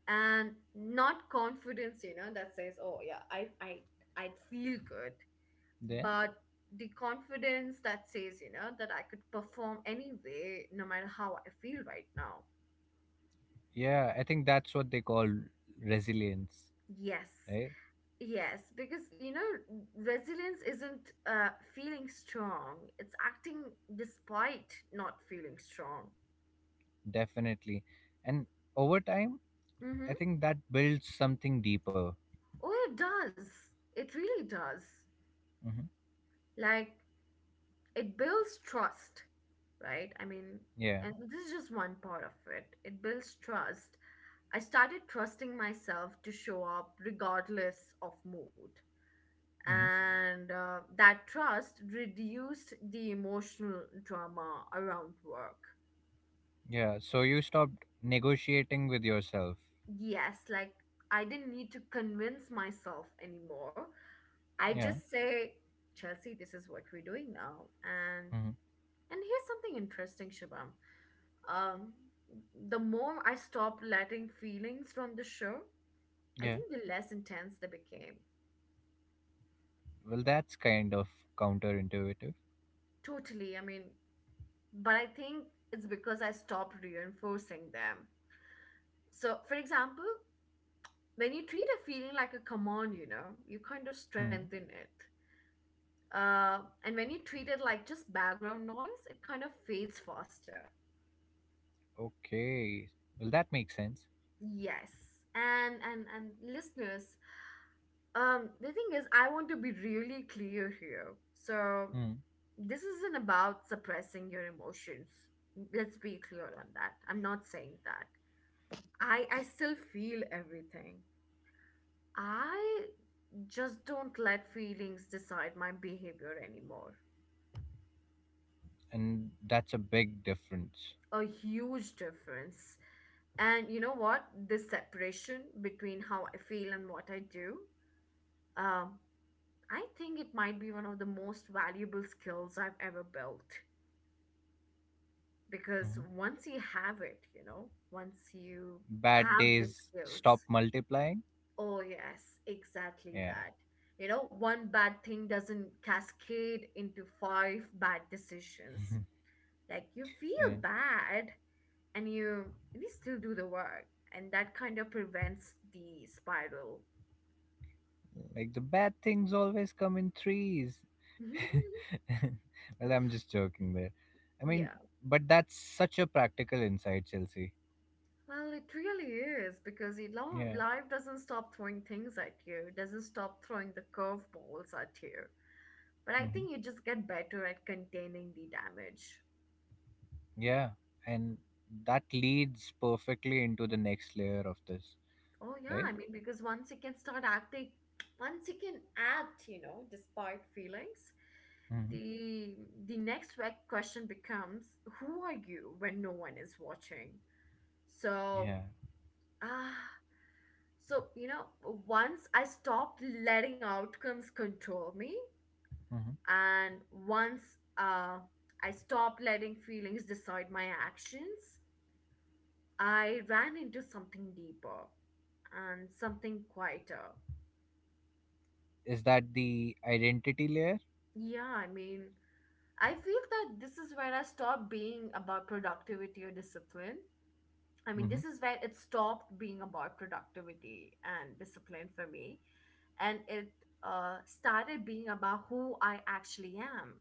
S2: And not confidence, you know, that says, "Oh yeah, I I'd feel good,"
S1: Then,
S2: but the confidence that says, you know, that I could perform anyway, no matter how I feel right now.
S1: yeah, I think that's what they call resilience.
S2: Yes,
S1: Right?
S2: yes, because you know, resilience isn't feeling strong; it's acting despite not feeling strong.
S1: Definitely. And over time, I
S2: Mm-hmm.
S1: think that builds something deeper.
S2: Oh, it does. It really does.
S1: Hmm.
S2: Like, it builds trust, right? I mean,
S1: Yeah.
S2: and this is just one part of it. It builds trust. I started trusting myself to show up regardless of mood.
S1: Hmm.
S2: And that trust reduced the emotional drama around work.
S1: Yeah. So you stopped negotiating with yourself.
S2: Yes, like, I didn't need to convince myself anymore. I
S1: Yeah.
S2: just say, Chelsea, this is what we're doing now. And
S1: Hmm.
S2: And here's something interesting, Shubham. Um, the more I stopped letting feelings from the show, I
S1: Yeah.
S2: think the less intense they became.
S1: Well, that's kind of counterintuitive.
S2: Totally. I mean, but I think it's because I stopped reinforcing them. So, for example, when you treat a feeling like a command, you know, you kind of
S1: Hmm.
S2: strengthen it. And when you treat it like just background noise, it kind of fades faster.
S1: Okay. Well, that makes sense.
S2: Yes. And listeners. The thing is, I want to be really clear here. So,
S1: Hmm.
S2: this isn't about suppressing your emotions. Let's be clear on that. I'm not saying that. I still feel everything. I just don't let feelings decide my behavior anymore.
S1: And that's a big difference.
S2: A huge difference. And you know what? This separation between how I feel and what I do, um, I think it might be one of the most valuable skills I've ever built because
S1: Hmm.
S2: once you have it, you know, once you
S1: Bad
S2: have the
S1: days
S2: skills,
S1: stop multiplying.
S2: oh, yes, exactly
S1: Yeah.
S2: that. You know, one bad thing doesn't cascade into five bad decisions.
S1: [LAUGHS]
S2: Like you feel
S1: Yeah.
S2: bad and you still do the work, and that kind of prevents the spiral.
S1: Like the bad things always come in threes.
S2: [LAUGHS]
S1: [LAUGHS] Well, I'm just joking there. I mean,
S2: Yeah,
S1: but that's such a practical insight, Chelsea.
S2: well, it really is because it
S1: Yeah.
S2: life doesn't stop throwing things at you, it doesn't stop throwing the curveballs at you. But I
S1: Hmm.
S2: think you just get better at containing the damage.
S1: Yeah. And that leads perfectly into the next layer of this,
S2: Oh, yeah.
S1: right?
S2: I mean, because once you can start acting, once you can act, you know, despite feelings,
S1: Hmm.
S2: the the next question becomes, who are you when no one is watching? So,
S1: Yeah.
S2: ah, so you know, once I stopped letting outcomes control me,
S1: Hmm.
S2: and once uh, I stopped letting feelings decide my actions, I ran into something deeper, and something quieter.
S1: Is that the identity layer?
S2: Yeah, I mean, I feel that this is where I stopped being about productivity or discipline. I mean,
S1: Hmm.
S2: this is where it stopped being about productivity and discipline for me. And it started being about who I actually am.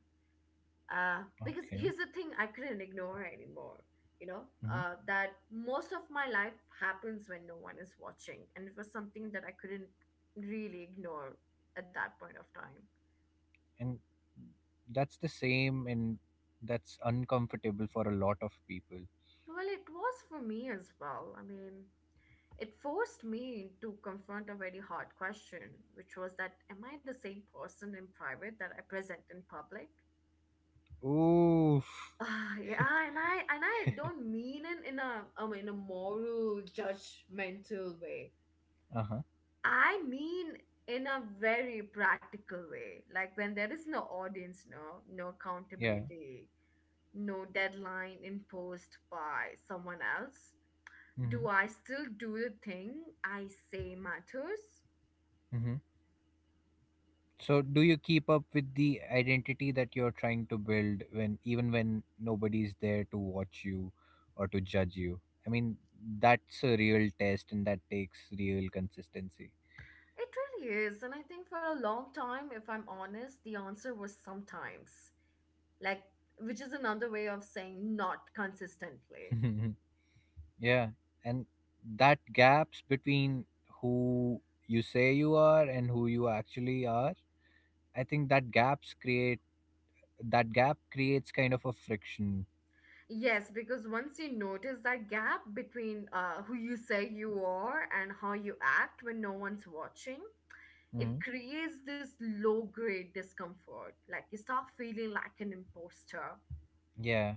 S2: Because
S1: Okay.
S2: here's the thing I couldn't ignore anymore, you know,
S1: Hmm.
S2: that most of my life happens when no one is watching. And it was something that I couldn't really ignore at that point of time.
S1: And that's the same, and that's uncomfortable for a lot of people.
S2: Well, it was for me as well. I mean, it forced me to confront a very hard question, which was that am I the same person in private that I present in public? [SIGHS]
S1: Oof. [LAUGHS]
S2: Yeah, and I don't mean it in a moral judgmental way.
S1: uh huh.
S2: I mean in a very practical way. Like when there is no audience, no
S1: Yeah.
S2: accountability, no deadline imposed by someone else,
S1: Mm-hmm.
S2: do I still do the thing I say matters?
S1: So do you keep up with the identity that you're trying to build when, even when nobody's there to watch you or to judge you? I mean, that's a real test, and that takes real consistency.
S2: It really is. And I think for a long time, if I'm honest, the answer was sometimes. Like, which is another way of saying not consistently.
S1: [LAUGHS] Yeah, and that gaps between who you say you are and who you actually are, I think that gap creates kind of a friction.
S2: Yes, because once you notice that gap between who you say you are and how you act when no one's watching,
S1: Hmm.
S2: it creates this low grade discomfort. Like, you start feeling like an imposter.
S1: Yeah.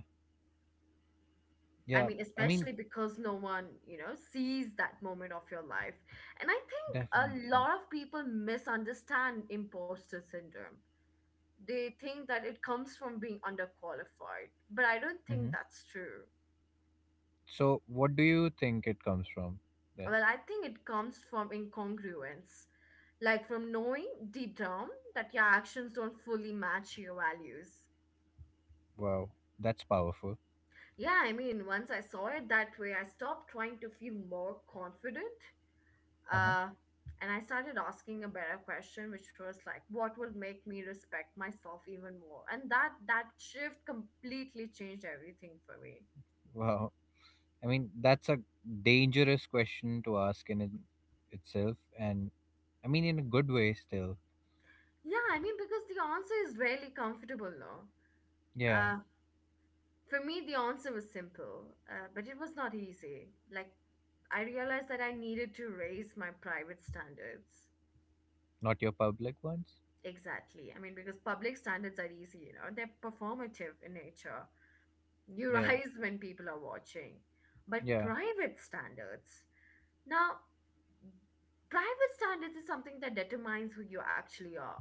S2: I
S1: Yeah,
S2: mean,
S1: I mean,
S2: especially because no one, you know, sees that moment of your life. And I think a
S1: definitely.
S2: lot of people misunderstand imposter syndrome. They think that it comes from being underqualified, but I don't think
S1: Mhm.
S2: that's true.
S1: So, what do you think it comes from then?
S2: Well, I think it comes from incongruence, like from knowing deep down that your actions don't fully match your values.
S1: Wow, that's powerful.
S2: Yeah, I mean, once I saw it that way, I stopped trying to feel more confident.
S1: Uh huh.
S2: Uh, and I started asking a better question, which was like, what would make me respect myself even more? And that shift completely changed everything for me.
S1: Wow. I mean, that's a dangerous question to ask in it itself, and I mean, in a good way, still.
S2: Yeah, I mean, because the answer is rarely comfortable, no.
S1: Yeah.
S2: Uh, for me, the answer was simple, but it was not easy. Like, I realized that I needed to raise my private standards.
S1: Not your public ones.
S2: Exactly. I mean, because public standards are easy, you know, they're performative in nature. You
S1: Yeah.
S2: rise when people are watching. But
S1: Yeah.
S2: private standards. Now, private standards is something that determines who you actually are.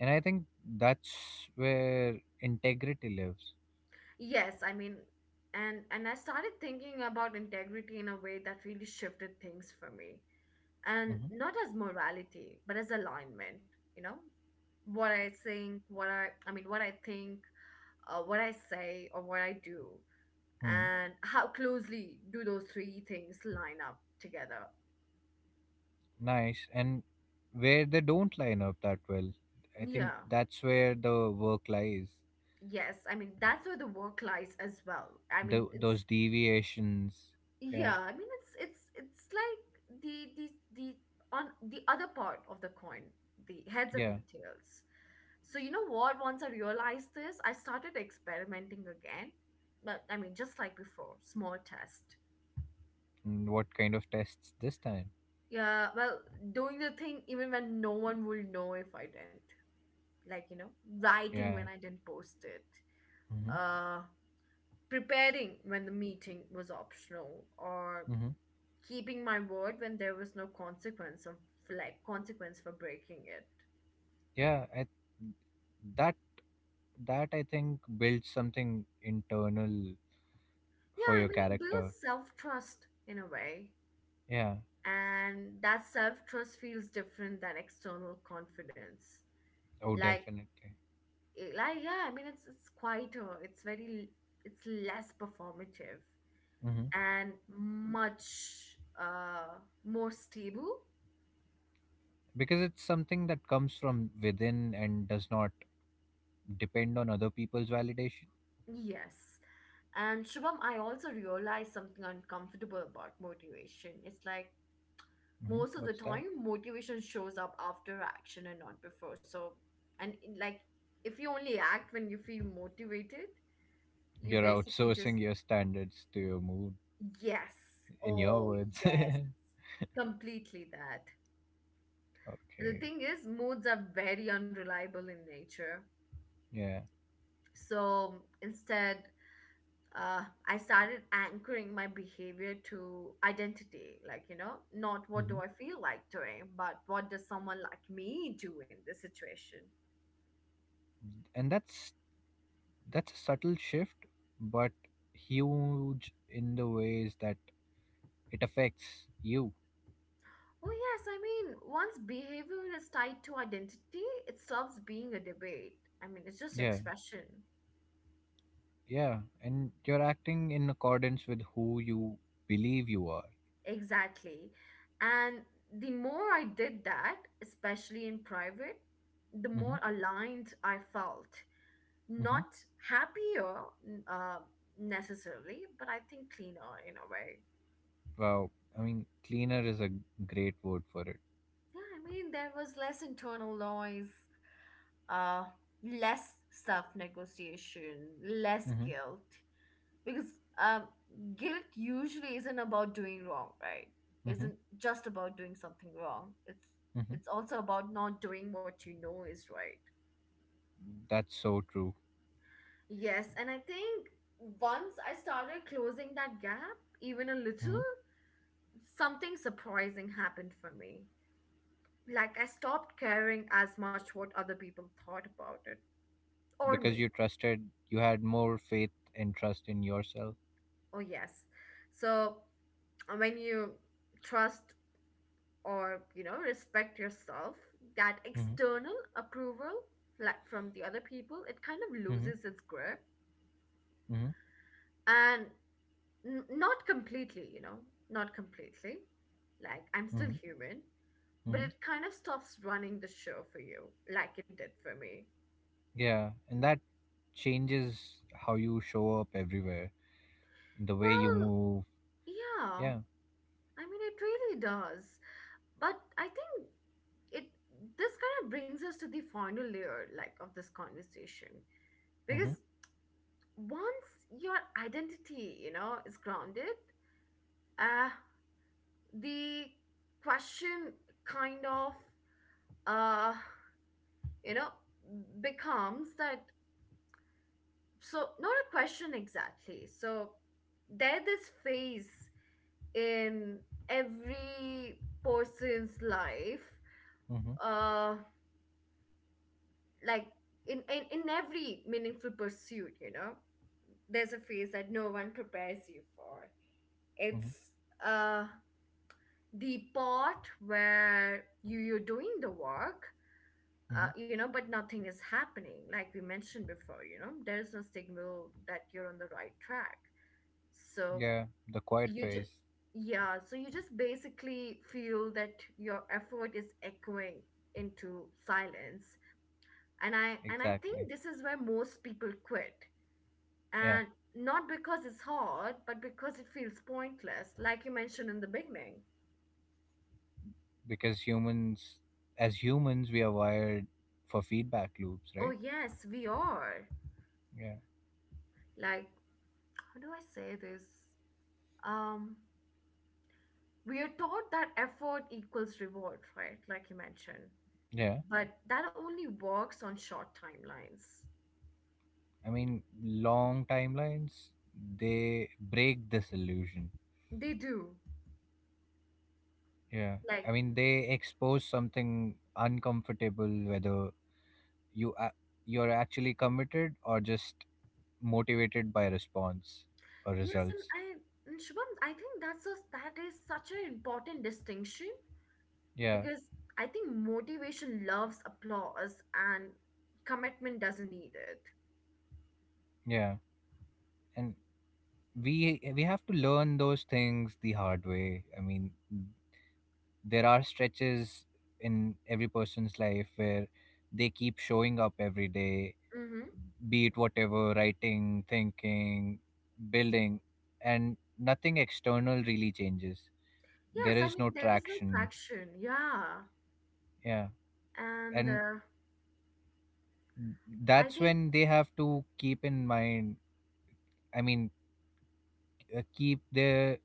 S1: And I think that's where integrity lives.
S2: Yes, I mean, and I started thinking about integrity in a way that really shifted things for me. And
S1: Mm-hmm.
S2: not as morality, but as alignment, you know? What I think, what I say or what I do,
S1: Hmm.
S2: and how closely do those three things line up together?
S1: Nice. And where they don't line up that well, I think
S2: Yeah.
S1: that's where the work lies.
S2: Yes, I mean that's where the work lies as well. I mean
S1: Those
S2: it's
S1: deviations. Yeah.
S2: yeah, I mean it's like the on the other part of the coin, the heads and
S1: Yeah.
S2: the tails. So you know what? Once I realized this, I started experimenting again. But I mean just like before, small test.
S1: Mm, what kind of tests this time?
S2: Yeah, well, doing the thing even when no one will know if I didn't. Like, you know, writing
S1: Yeah.
S2: when I didn't post it.
S1: Hmm.
S2: Uh Preparing when the meeting was optional, or
S1: Hmm.
S2: keeping my word when there was no consequence of like consequence for breaking it.
S1: Yeah, I, that that I think builds something internal for
S2: Yeah, I
S1: your
S2: mean it builds
S1: character.
S2: self-trust in a way,
S1: Yeah.
S2: and that self-trust feels different than external confidence.
S1: Oh,
S2: Like
S1: definitely.
S2: yeah, I mean it's quieter, it's very, it's less performative
S1: Hmm.
S2: and much more stable.
S1: Because it's something that comes from within and does not depend on other people's validation.
S2: Yes. And Shubham, I also realized something uncomfortable about motivation. It's like
S1: Hmm.
S2: most of the
S1: What's that?
S2: time motivation shows up after action and not before. So and in- like if you only act when you feel motivated, you
S1: You're
S2: basically just
S1: outsourcing your standards to your mood.
S2: yes,
S1: In your
S2: oh
S1: words. [LAUGHS]
S2: yes,
S1: Okay.
S2: completely that. The thing is, moods are very unreliable in nature.
S1: Yeah.
S2: So instead, I started anchoring my behavior to identity, like you know, not what do
S1: Hmm.
S2: I feel like doing, but what does someone like me do in this situation?
S1: And that's a subtle shift, but huge in the ways that it affects you.
S2: Oh yes, I mean, once behavior is tied to identity, it stops being a debate. I mean, it's just
S1: Yeah,
S2: expression.
S1: yeah. And you're acting in accordance with who you believe you are.
S2: Exactly. And the more I did that, especially in private, the more
S1: Mm-hmm.
S2: aligned I felt.
S1: Mm-hmm.
S2: Not happier, n- uh, necessarily, but I think cleaner in a way.
S1: Wow. I mean, cleaner is a great word for it.
S2: Yeah, I mean, there was less internal noise, uh, less self negotiation, less
S1: Mm-hmm.
S2: guilt. Because um, guilt usually isn't about doing wrong, right,
S1: Mm-hmm.
S2: isn't just about doing something wrong,
S1: Mm-hmm.
S2: it's also about not doing what you know is right.
S1: That's so true.
S2: Yes, and I think once I started closing that gap even a
S1: Mm-hmm.
S2: little, something surprising happened for me. Like I stopped caring as much what other people thought about it, or
S1: Because
S2: me.
S1: you trusted, you had more faith and trust in yourself.
S2: Oh yes. So when you trust, or you know, respect yourself, that
S1: Mm-hmm.
S2: external approval, like from the other people, it kind of
S1: Mm-hmm.
S2: loses its grip.
S1: Mm-hmm.
S2: And not completely, you know, not completely, like I'm still
S1: Mm-hmm.
S2: human, but
S1: Mm-hmm.
S2: it kind of stops running the show for you, like it did for me.
S1: Yeah. And that changes how you show up everywhere, the way you
S2: Well,
S1: move.
S2: yeah,
S1: Yeah.
S2: I mean it really does. But I think it this kind of brings us to the final layer, like, of this conversation.
S1: Mhm.
S2: Because once your identity, you know, is grounded, uh the question kind of, uh you know, becomes that. So not a question exactly. So there's this phase in every person's life,
S1: Mhm.
S2: uh like, in every meaningful pursuit, you know, there's a phase that no one prepares you for.
S1: Mhm.
S2: It's, uh the part where you're doing the work,
S1: Mhm.
S2: you know, but nothing is happening, like we mentioned before, you know, there's no signal that you're on the right track. So
S1: Yeah, the quiet
S2: you just,
S1: phase.
S2: yeah, so you just basically feel that your effort is echoing into silence. And I think
S1: Exactly.
S2: this is where most people quit.
S1: Yeah,
S2: And not because it's hard, but because it feels pointless, like you mentioned in the beginning.
S1: because humans as humans we are wired for feedback loops,
S2: Oh
S1: right?
S2: yes, we are.
S1: Yeah.
S2: Like, how do I say this? Um, we are taught that effort equals reward, right? Like you mentioned.
S1: Yeah.
S2: But that only works on short timelines.
S1: I mean, long timelines, they break this illusion.
S2: They do.
S1: Yeah. I
S2: Like,
S1: mean, they expose something uncomfortable, whether you a- you're actually committed or just motivated by response or
S2: yes, and
S1: results.
S2: I and Shubham, I think that's a, that is such an important distinction.
S1: Yeah.
S2: Because I think motivation loves applause and commitment doesn't need it.
S1: Yeah. And we have to learn those things the hard way. I mean, there are stretches in every person's life where they keep showing up every day,
S2: Mm-hmm.
S1: be it whatever, writing, thinking, building, and nothing external really changes.
S2: Yes,
S1: There
S2: I
S1: is
S2: mean
S1: no
S2: there is no
S1: traction.
S2: traction, yeah.
S1: Yeah.
S2: And
S1: And
S2: I
S1: that's
S2: think
S1: when they have to keep in mind, I mean, keep their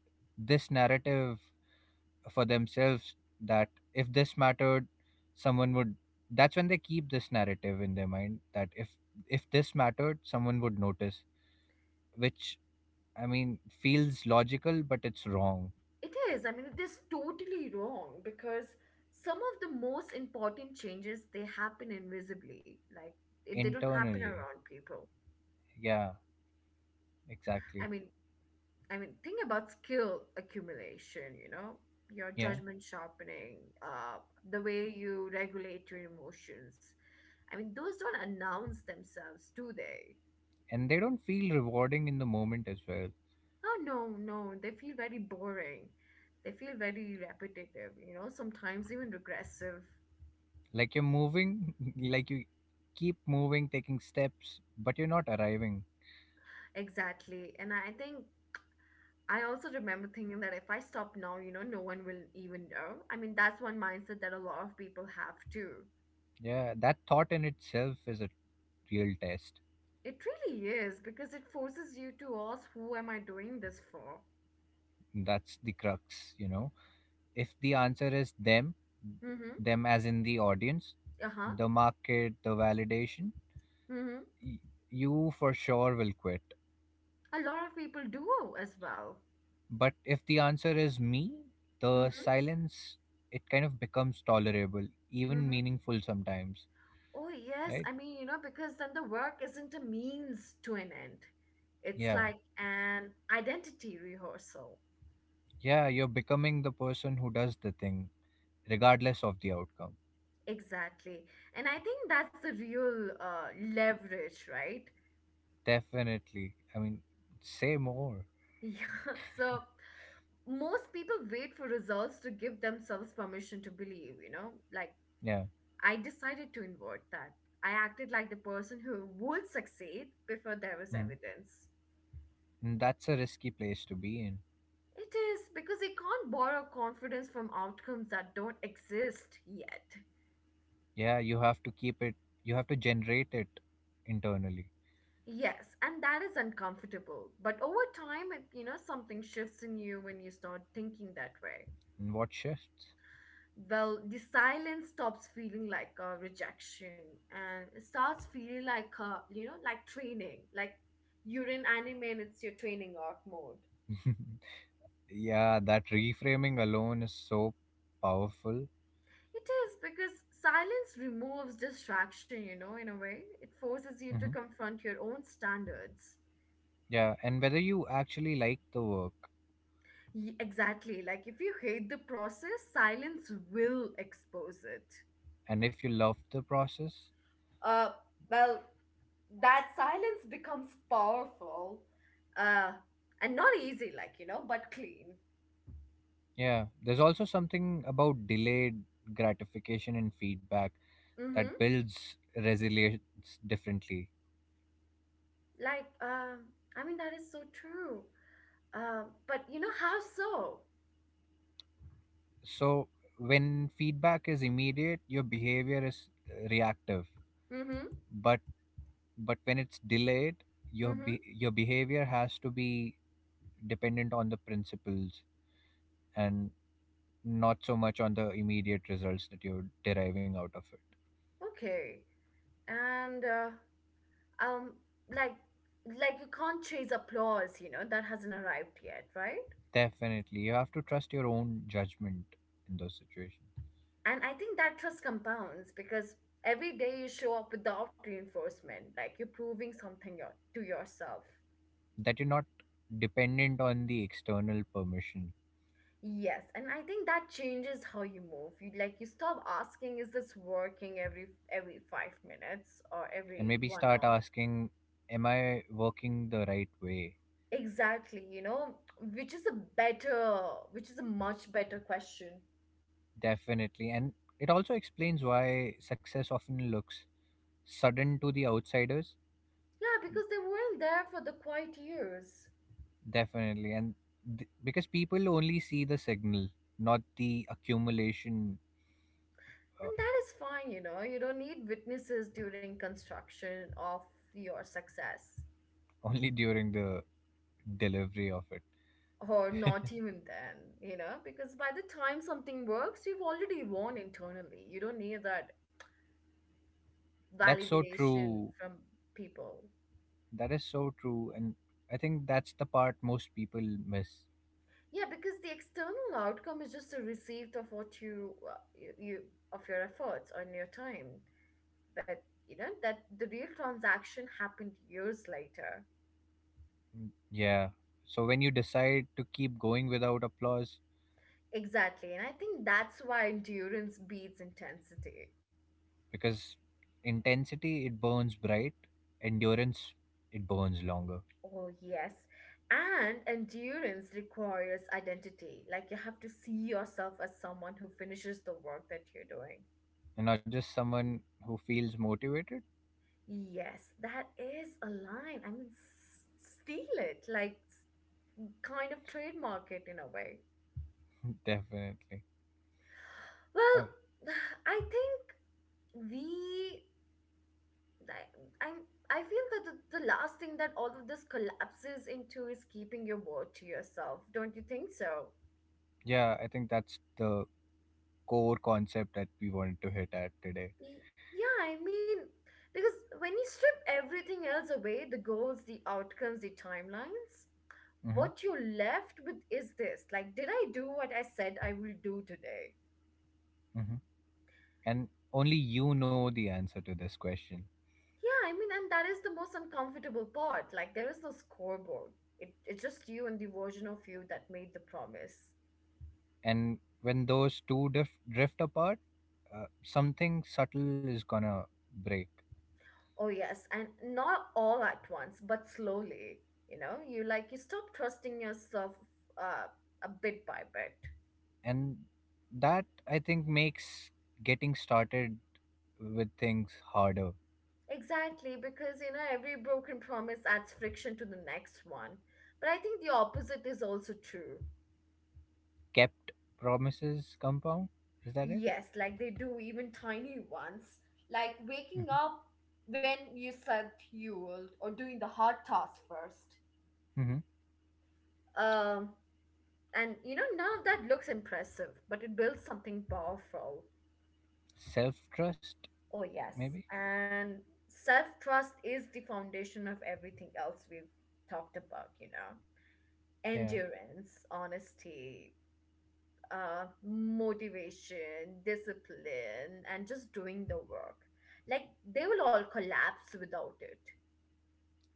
S1: this narrative for themselves, that if this mattered, someone would. That's when they keep this narrative in their mind, that if this mattered, someone would notice, which, I mean, feels logical, but it's wrong.
S2: it is. I mean, it is totally wrong because some of the most important changes, they happen invisibly. Like it, they don't happen
S1: Internally,
S2: around people.
S1: yeah.
S2: I
S1: Exactly.
S2: mean, I mean, think about skill accumulation. You know, your
S1: Yeah,
S2: judgment sharpening, the way you regulate your emotions. I mean, those don't announce themselves, do they?
S1: and they don't feel rewarding in the moment as well.
S2: Oh no, no, they feel very boring. They feel very repetitive. You know, sometimes even regressive.
S1: Like you're moving, [LAUGHS] like you keep moving, taking steps, but you're not arriving.
S2: Exactly. And I think I also remember thinking that if I stop now, you know, no one will even know. I mean, that's one mindset that a lot of people have too.
S1: Yeah, that thought in itself is a real test.
S2: It really is because it forces you to ask, who am I doing this for?
S1: That's the crux, you know. If the answer is them,
S2: Mm-hmm.
S1: them as in the audience,
S2: Uh-huh.
S1: the market, the validation,
S2: Mm-hmm.
S1: y- you for sure will quit.
S2: A lot of people do as well.
S1: But if the answer is me, the
S2: Mm-hmm.
S1: silence, it kind of becomes tolerable, even
S2: Mm-hmm.
S1: meaningful sometimes,
S2: Oh, yes.
S1: right?
S2: I mean, you know, because then the work isn't a means to an end. It's
S1: Yeah.
S2: like an identity rehearsal.
S1: Yeah, you're becoming the person who does the thing, regardless of the outcome.
S2: Exactly. And I think that's the real leverage, right?
S1: Definitely. I mean, say more.
S2: Yeah, [LAUGHS] so most people wait for results to give themselves permission to believe, you know? Like,
S1: Yeah.
S2: I decided to invert that. I acted like the person who would succeed before there was
S1: Mm.
S2: evidence.
S1: And that's a risky place to be in.
S2: It is because they can't borrow confidence from outcomes that don't exist yet.
S1: Yeah, you have to keep it, you have to generate it internally.
S2: Yes, and that is uncomfortable. But over time, you know, something shifts in you when you start thinking that way.
S1: In what shifts?
S2: Well, the silence stops feeling like a rejection and it starts feeling like a, you know, like training, like you're in anime and it's your training arc mode.
S1: [LAUGHS] Yeah, that reframing alone is so powerful.
S2: It is because silence removes distraction, you know, in a way. It forces you to
S1: Hmm.
S2: confront your own standards.
S1: Yeah, and whether you actually like the work.
S2: Exactly. Like if you hate the process, silence will expose it.
S1: And if you love the process.
S2: Uh, well, that silence becomes powerful, uh and not easy, like, you know, but clean.
S1: Yeah, there's also something about delayed gratification and feedback
S2: Mm-hmm.
S1: that builds resilience differently.
S2: Like, I mean, that is so true. But you know how so?
S1: So, when feedback is immediate, your behavior is, reactive.
S2: Mm-hmm.
S1: But when it's delayed,
S2: Mm-hmm.
S1: your behavior has to be dependent on the principles, and not so much on the immediate results that you're deriving out of it.
S2: Okay. And um, like, like you can't chase applause. You know that hasn't arrived yet, right?
S1: Definitely, you have to trust your own judgment in those situations,
S2: And I think that trust compounds because every day you show up without reinforcement, like you're proving something your, to yourself.
S1: that you're not dependent on the external permission.
S2: Yes, and I think that changes how you move. You, like, you stop asking, is this working every five minutes or
S1: And
S2: every
S1: maybe
S2: one
S1: start
S2: hour?
S1: asking, am I working the right way?
S2: Exactly, you know, which is a better, which is a much better question.
S1: Definitely. And it also explains why success often looks sudden to the outsiders.
S2: Yeah, because they weren't there for the quiet years.
S1: Definitely. And because people only see the signal, not the accumulation. uh,
S2: And that is fine, you know. You don't need witnesses during construction of your success.
S1: [LAUGHS] only during the delivery of it.
S2: Or not even then, you know, because by the time something works, you've already won internally. You don't need that
S1: [LAUGHS] That's so
S2: validation
S1: true.
S2: from people.
S1: That is so true. And I think that's the part most people miss.
S2: Yeah, because the external outcome is just a receipt of what you, you, you of your efforts and your time. But you know that the real transaction happened years later.
S1: Mm, yeah. So when you decide to keep going without applause,
S2: Exactly, and I think that's why endurance beats intensity.
S1: because intensity, it burns bright, endurance, it burns longer.
S2: Oh yes, and endurance requires identity. Like you have to see yourself as someone who finishes the work that you're doing.
S1: And not just someone who feels motivated.
S2: Yes, that is a line. I mean, steal it, like kind of trademark it in a way.
S1: [LAUGHS] Definitely.
S2: Well,
S1: Uh,
S2: [SIGHS] I think we, I, I'm, I feel that the last thing that all of this collapses into is keeping your word to yourself. Don't you think so?
S1: Yeah, I think that's the core concept that we wanted to hit at today.
S2: Y- Yeah, I mean, because when you strip everything else away, the goals, the outcomes, the timelines,
S1: Hmm.
S2: what you're left with is this, like, did I do what I said I will do today?
S1: Hmm. And only you know the answer to this question.
S2: Yeah, I mean, and that is the most uncomfortable part. Like, there is no scoreboard. It, it's just you and the version of you that made the promise.
S1: And when those two drift apart, something subtle is gonna break.
S2: Oh, yes, and not all at once, but slowly. You know, you, like, you stop trusting yourself, uh, a bit by bit.
S1: And that, I think, makes getting started with things harder.
S2: Exactly, because, you know, every broken promise adds friction to the next one. But I think the opposite is also true.
S1: Kept promises compound. Is that it?
S2: Yes, like they do, even tiny ones. Like waking
S1: Hmm.
S2: up when you said you, or doing the hard task first.
S1: Hmm.
S2: Um, and you know, none of that looks impressive, but it builds something powerful.
S1: Self trust,
S2: Oh, yes.
S1: maybe?
S2: And self trust is the foundation of everything else we've talked about, you know. Endurance, honesty, motivation, discipline, and just doing the work. Like they will all collapse without it.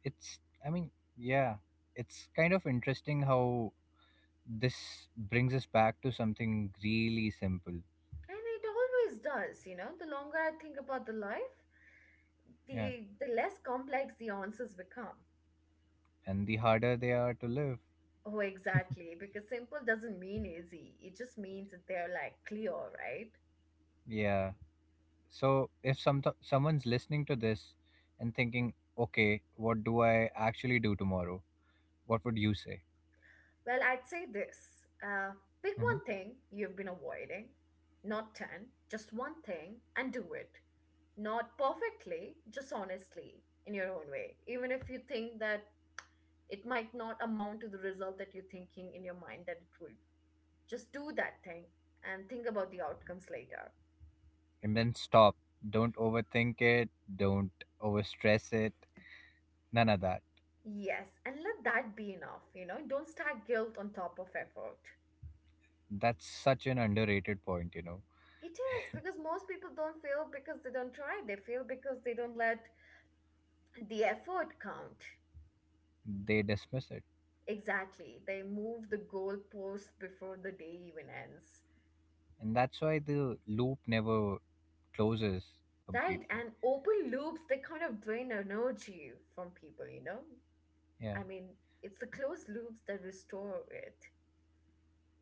S1: It's, I mean, yeah, it's kind of interesting how this brings us back to something really simple.
S2: And it always does, you know. The longer I think about the life,
S1: Yeah.
S2: the less complex the answers become.
S1: And the harder they are to live.
S2: Oh, exactly. Because simple doesn't mean easy. It just means that they're, like, clear, right?
S1: Yeah. So if someone's listening to this and thinking, okay, what do I actually do tomorrow? What would you say?
S2: Well, I'd say this. Uh, Pick
S1: Hmm.
S2: one thing you've been avoiding, not 10, just one thing, and do it. Not perfectly, just honestly, in your own way. Even if you think that it might not amount to the result that you're thinking in your mind that it will. Just do that thing and think about the outcomes later.
S1: And then stop. Don't overthink it. Don't overstress it. None of that.
S2: Yes, and let that be enough, you know? Don't stack guilt on top of effort.
S1: That's such an underrated point, you know.
S2: It is because most people don't fail because they don't try. They fail because they don't let the effort count.
S1: They dismiss it.
S2: Exactly. They move the goalpost before the day even ends.
S1: And that's why the loop never closes
S2: Right,
S1: completely.
S2: and open loops, they kind of drain energy from people, you know?
S1: Yeah.
S2: I mean, it's the closed loops that restore it.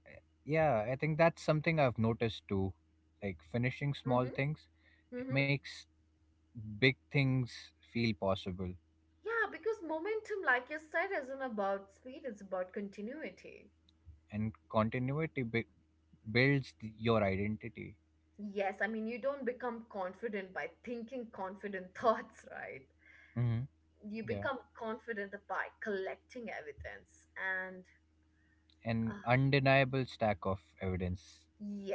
S1: Yeah, I think that's something I've noticed too. Like finishing small
S2: Mm-hmm.
S1: things, it
S2: Mm-hmm.
S1: makes big things feel possible,
S2: Yeah, because momentum, like you said, isn't about speed, it's about continuity.
S1: and continuity builds your identity.
S2: Yes, I mean, you don't become confident by thinking confident [LAUGHS] thoughts, right?
S1: Hmm.
S2: You
S1: Yeah,
S2: become confident by collecting evidence and
S1: an
S2: uh,
S1: undeniable stack of evidence.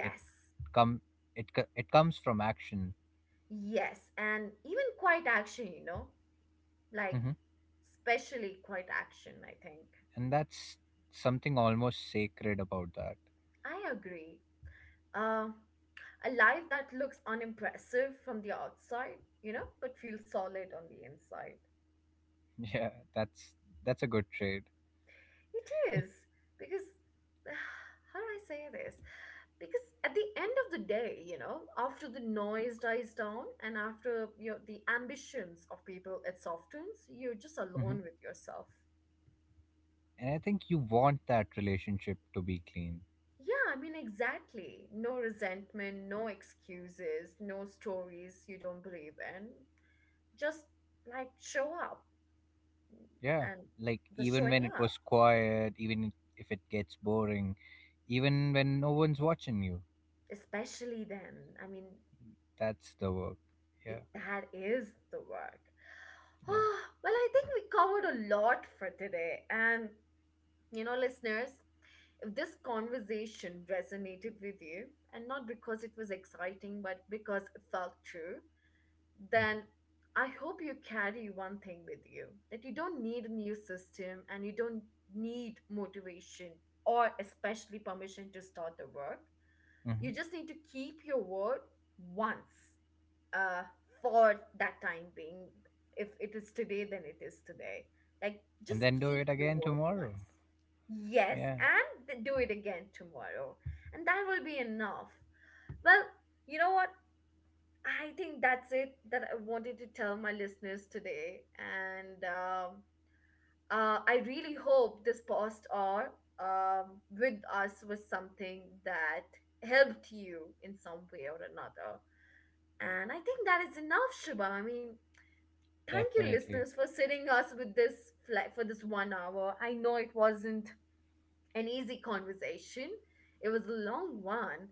S1: It come it comes from action.
S2: yes, and even quiet action, you know, like,
S1: Hmm.
S2: especially quiet action, I think.
S1: And that's something almost sacred about that.
S2: I agree. Uh, a life that looks unimpressive from the outside, you know, but feels solid on the inside.
S1: [LAUGHS] Yeah, that's that's a good trade.
S2: It is, because [SIGHS] how do I say this? Because at the end of the day, you know, after the noise dies down and, after you know, the ambitions of people, it softens, you're just alone with yourself.
S1: And I think you want that relationship to be clean.
S2: Yeah, I mean, exactly. No resentment, no excuses, no stories you don't believe in. Just, like, show up
S1: Yeah.
S2: and
S1: Like,
S2: just
S1: even
S2: showing
S1: when it
S2: up,
S1: was quiet, even if it gets boring, even when no one's watching you,
S2: especially then. I mean,
S1: that's the work. Yeah.
S2: it that is the work. [SIGHS]
S1: Yeah.
S2: Oh, well, I think we covered a lot for today. And, you know, listeners, if this conversation resonated with you, and not because it was exciting, but because it felt true,
S1: Hmm.
S2: then I hope you carry one thing with you, that you don't need a new system and you don't need motivation or especially permission to start the work.
S1: Hmm.
S2: You just need to keep your word once, uh, for that time being. If it is today, then it is today. Like, just
S1: And then do
S2: keep
S1: it
S2: your
S1: again
S2: word once.
S1: tomorrow.
S2: Yes,
S1: Yeah.
S2: and do it again tomorrow. And that will be enough. Well, you know what? I think that's it that I wanted to tell my listeners today. And I really hope this post or with us was something that helped you in some way or another. And I think that is enough, Shubham. I mean, thank you,
S1: Definitely.
S2: listeners, for sitting us with this flight for this one hour. I know it wasn't an easy conversation, it was a long one.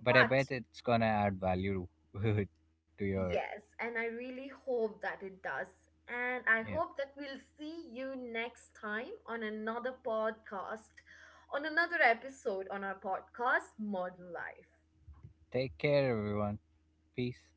S1: But I
S2: But
S1: bet it's going to add value [LAUGHS] to your.
S2: yes, and I really hope that it does. And I
S1: Yeah.
S2: hope that we'll see you next time on another podcast, on another episode on our podcast, Modern Life.
S1: Take care, everyone. Peace.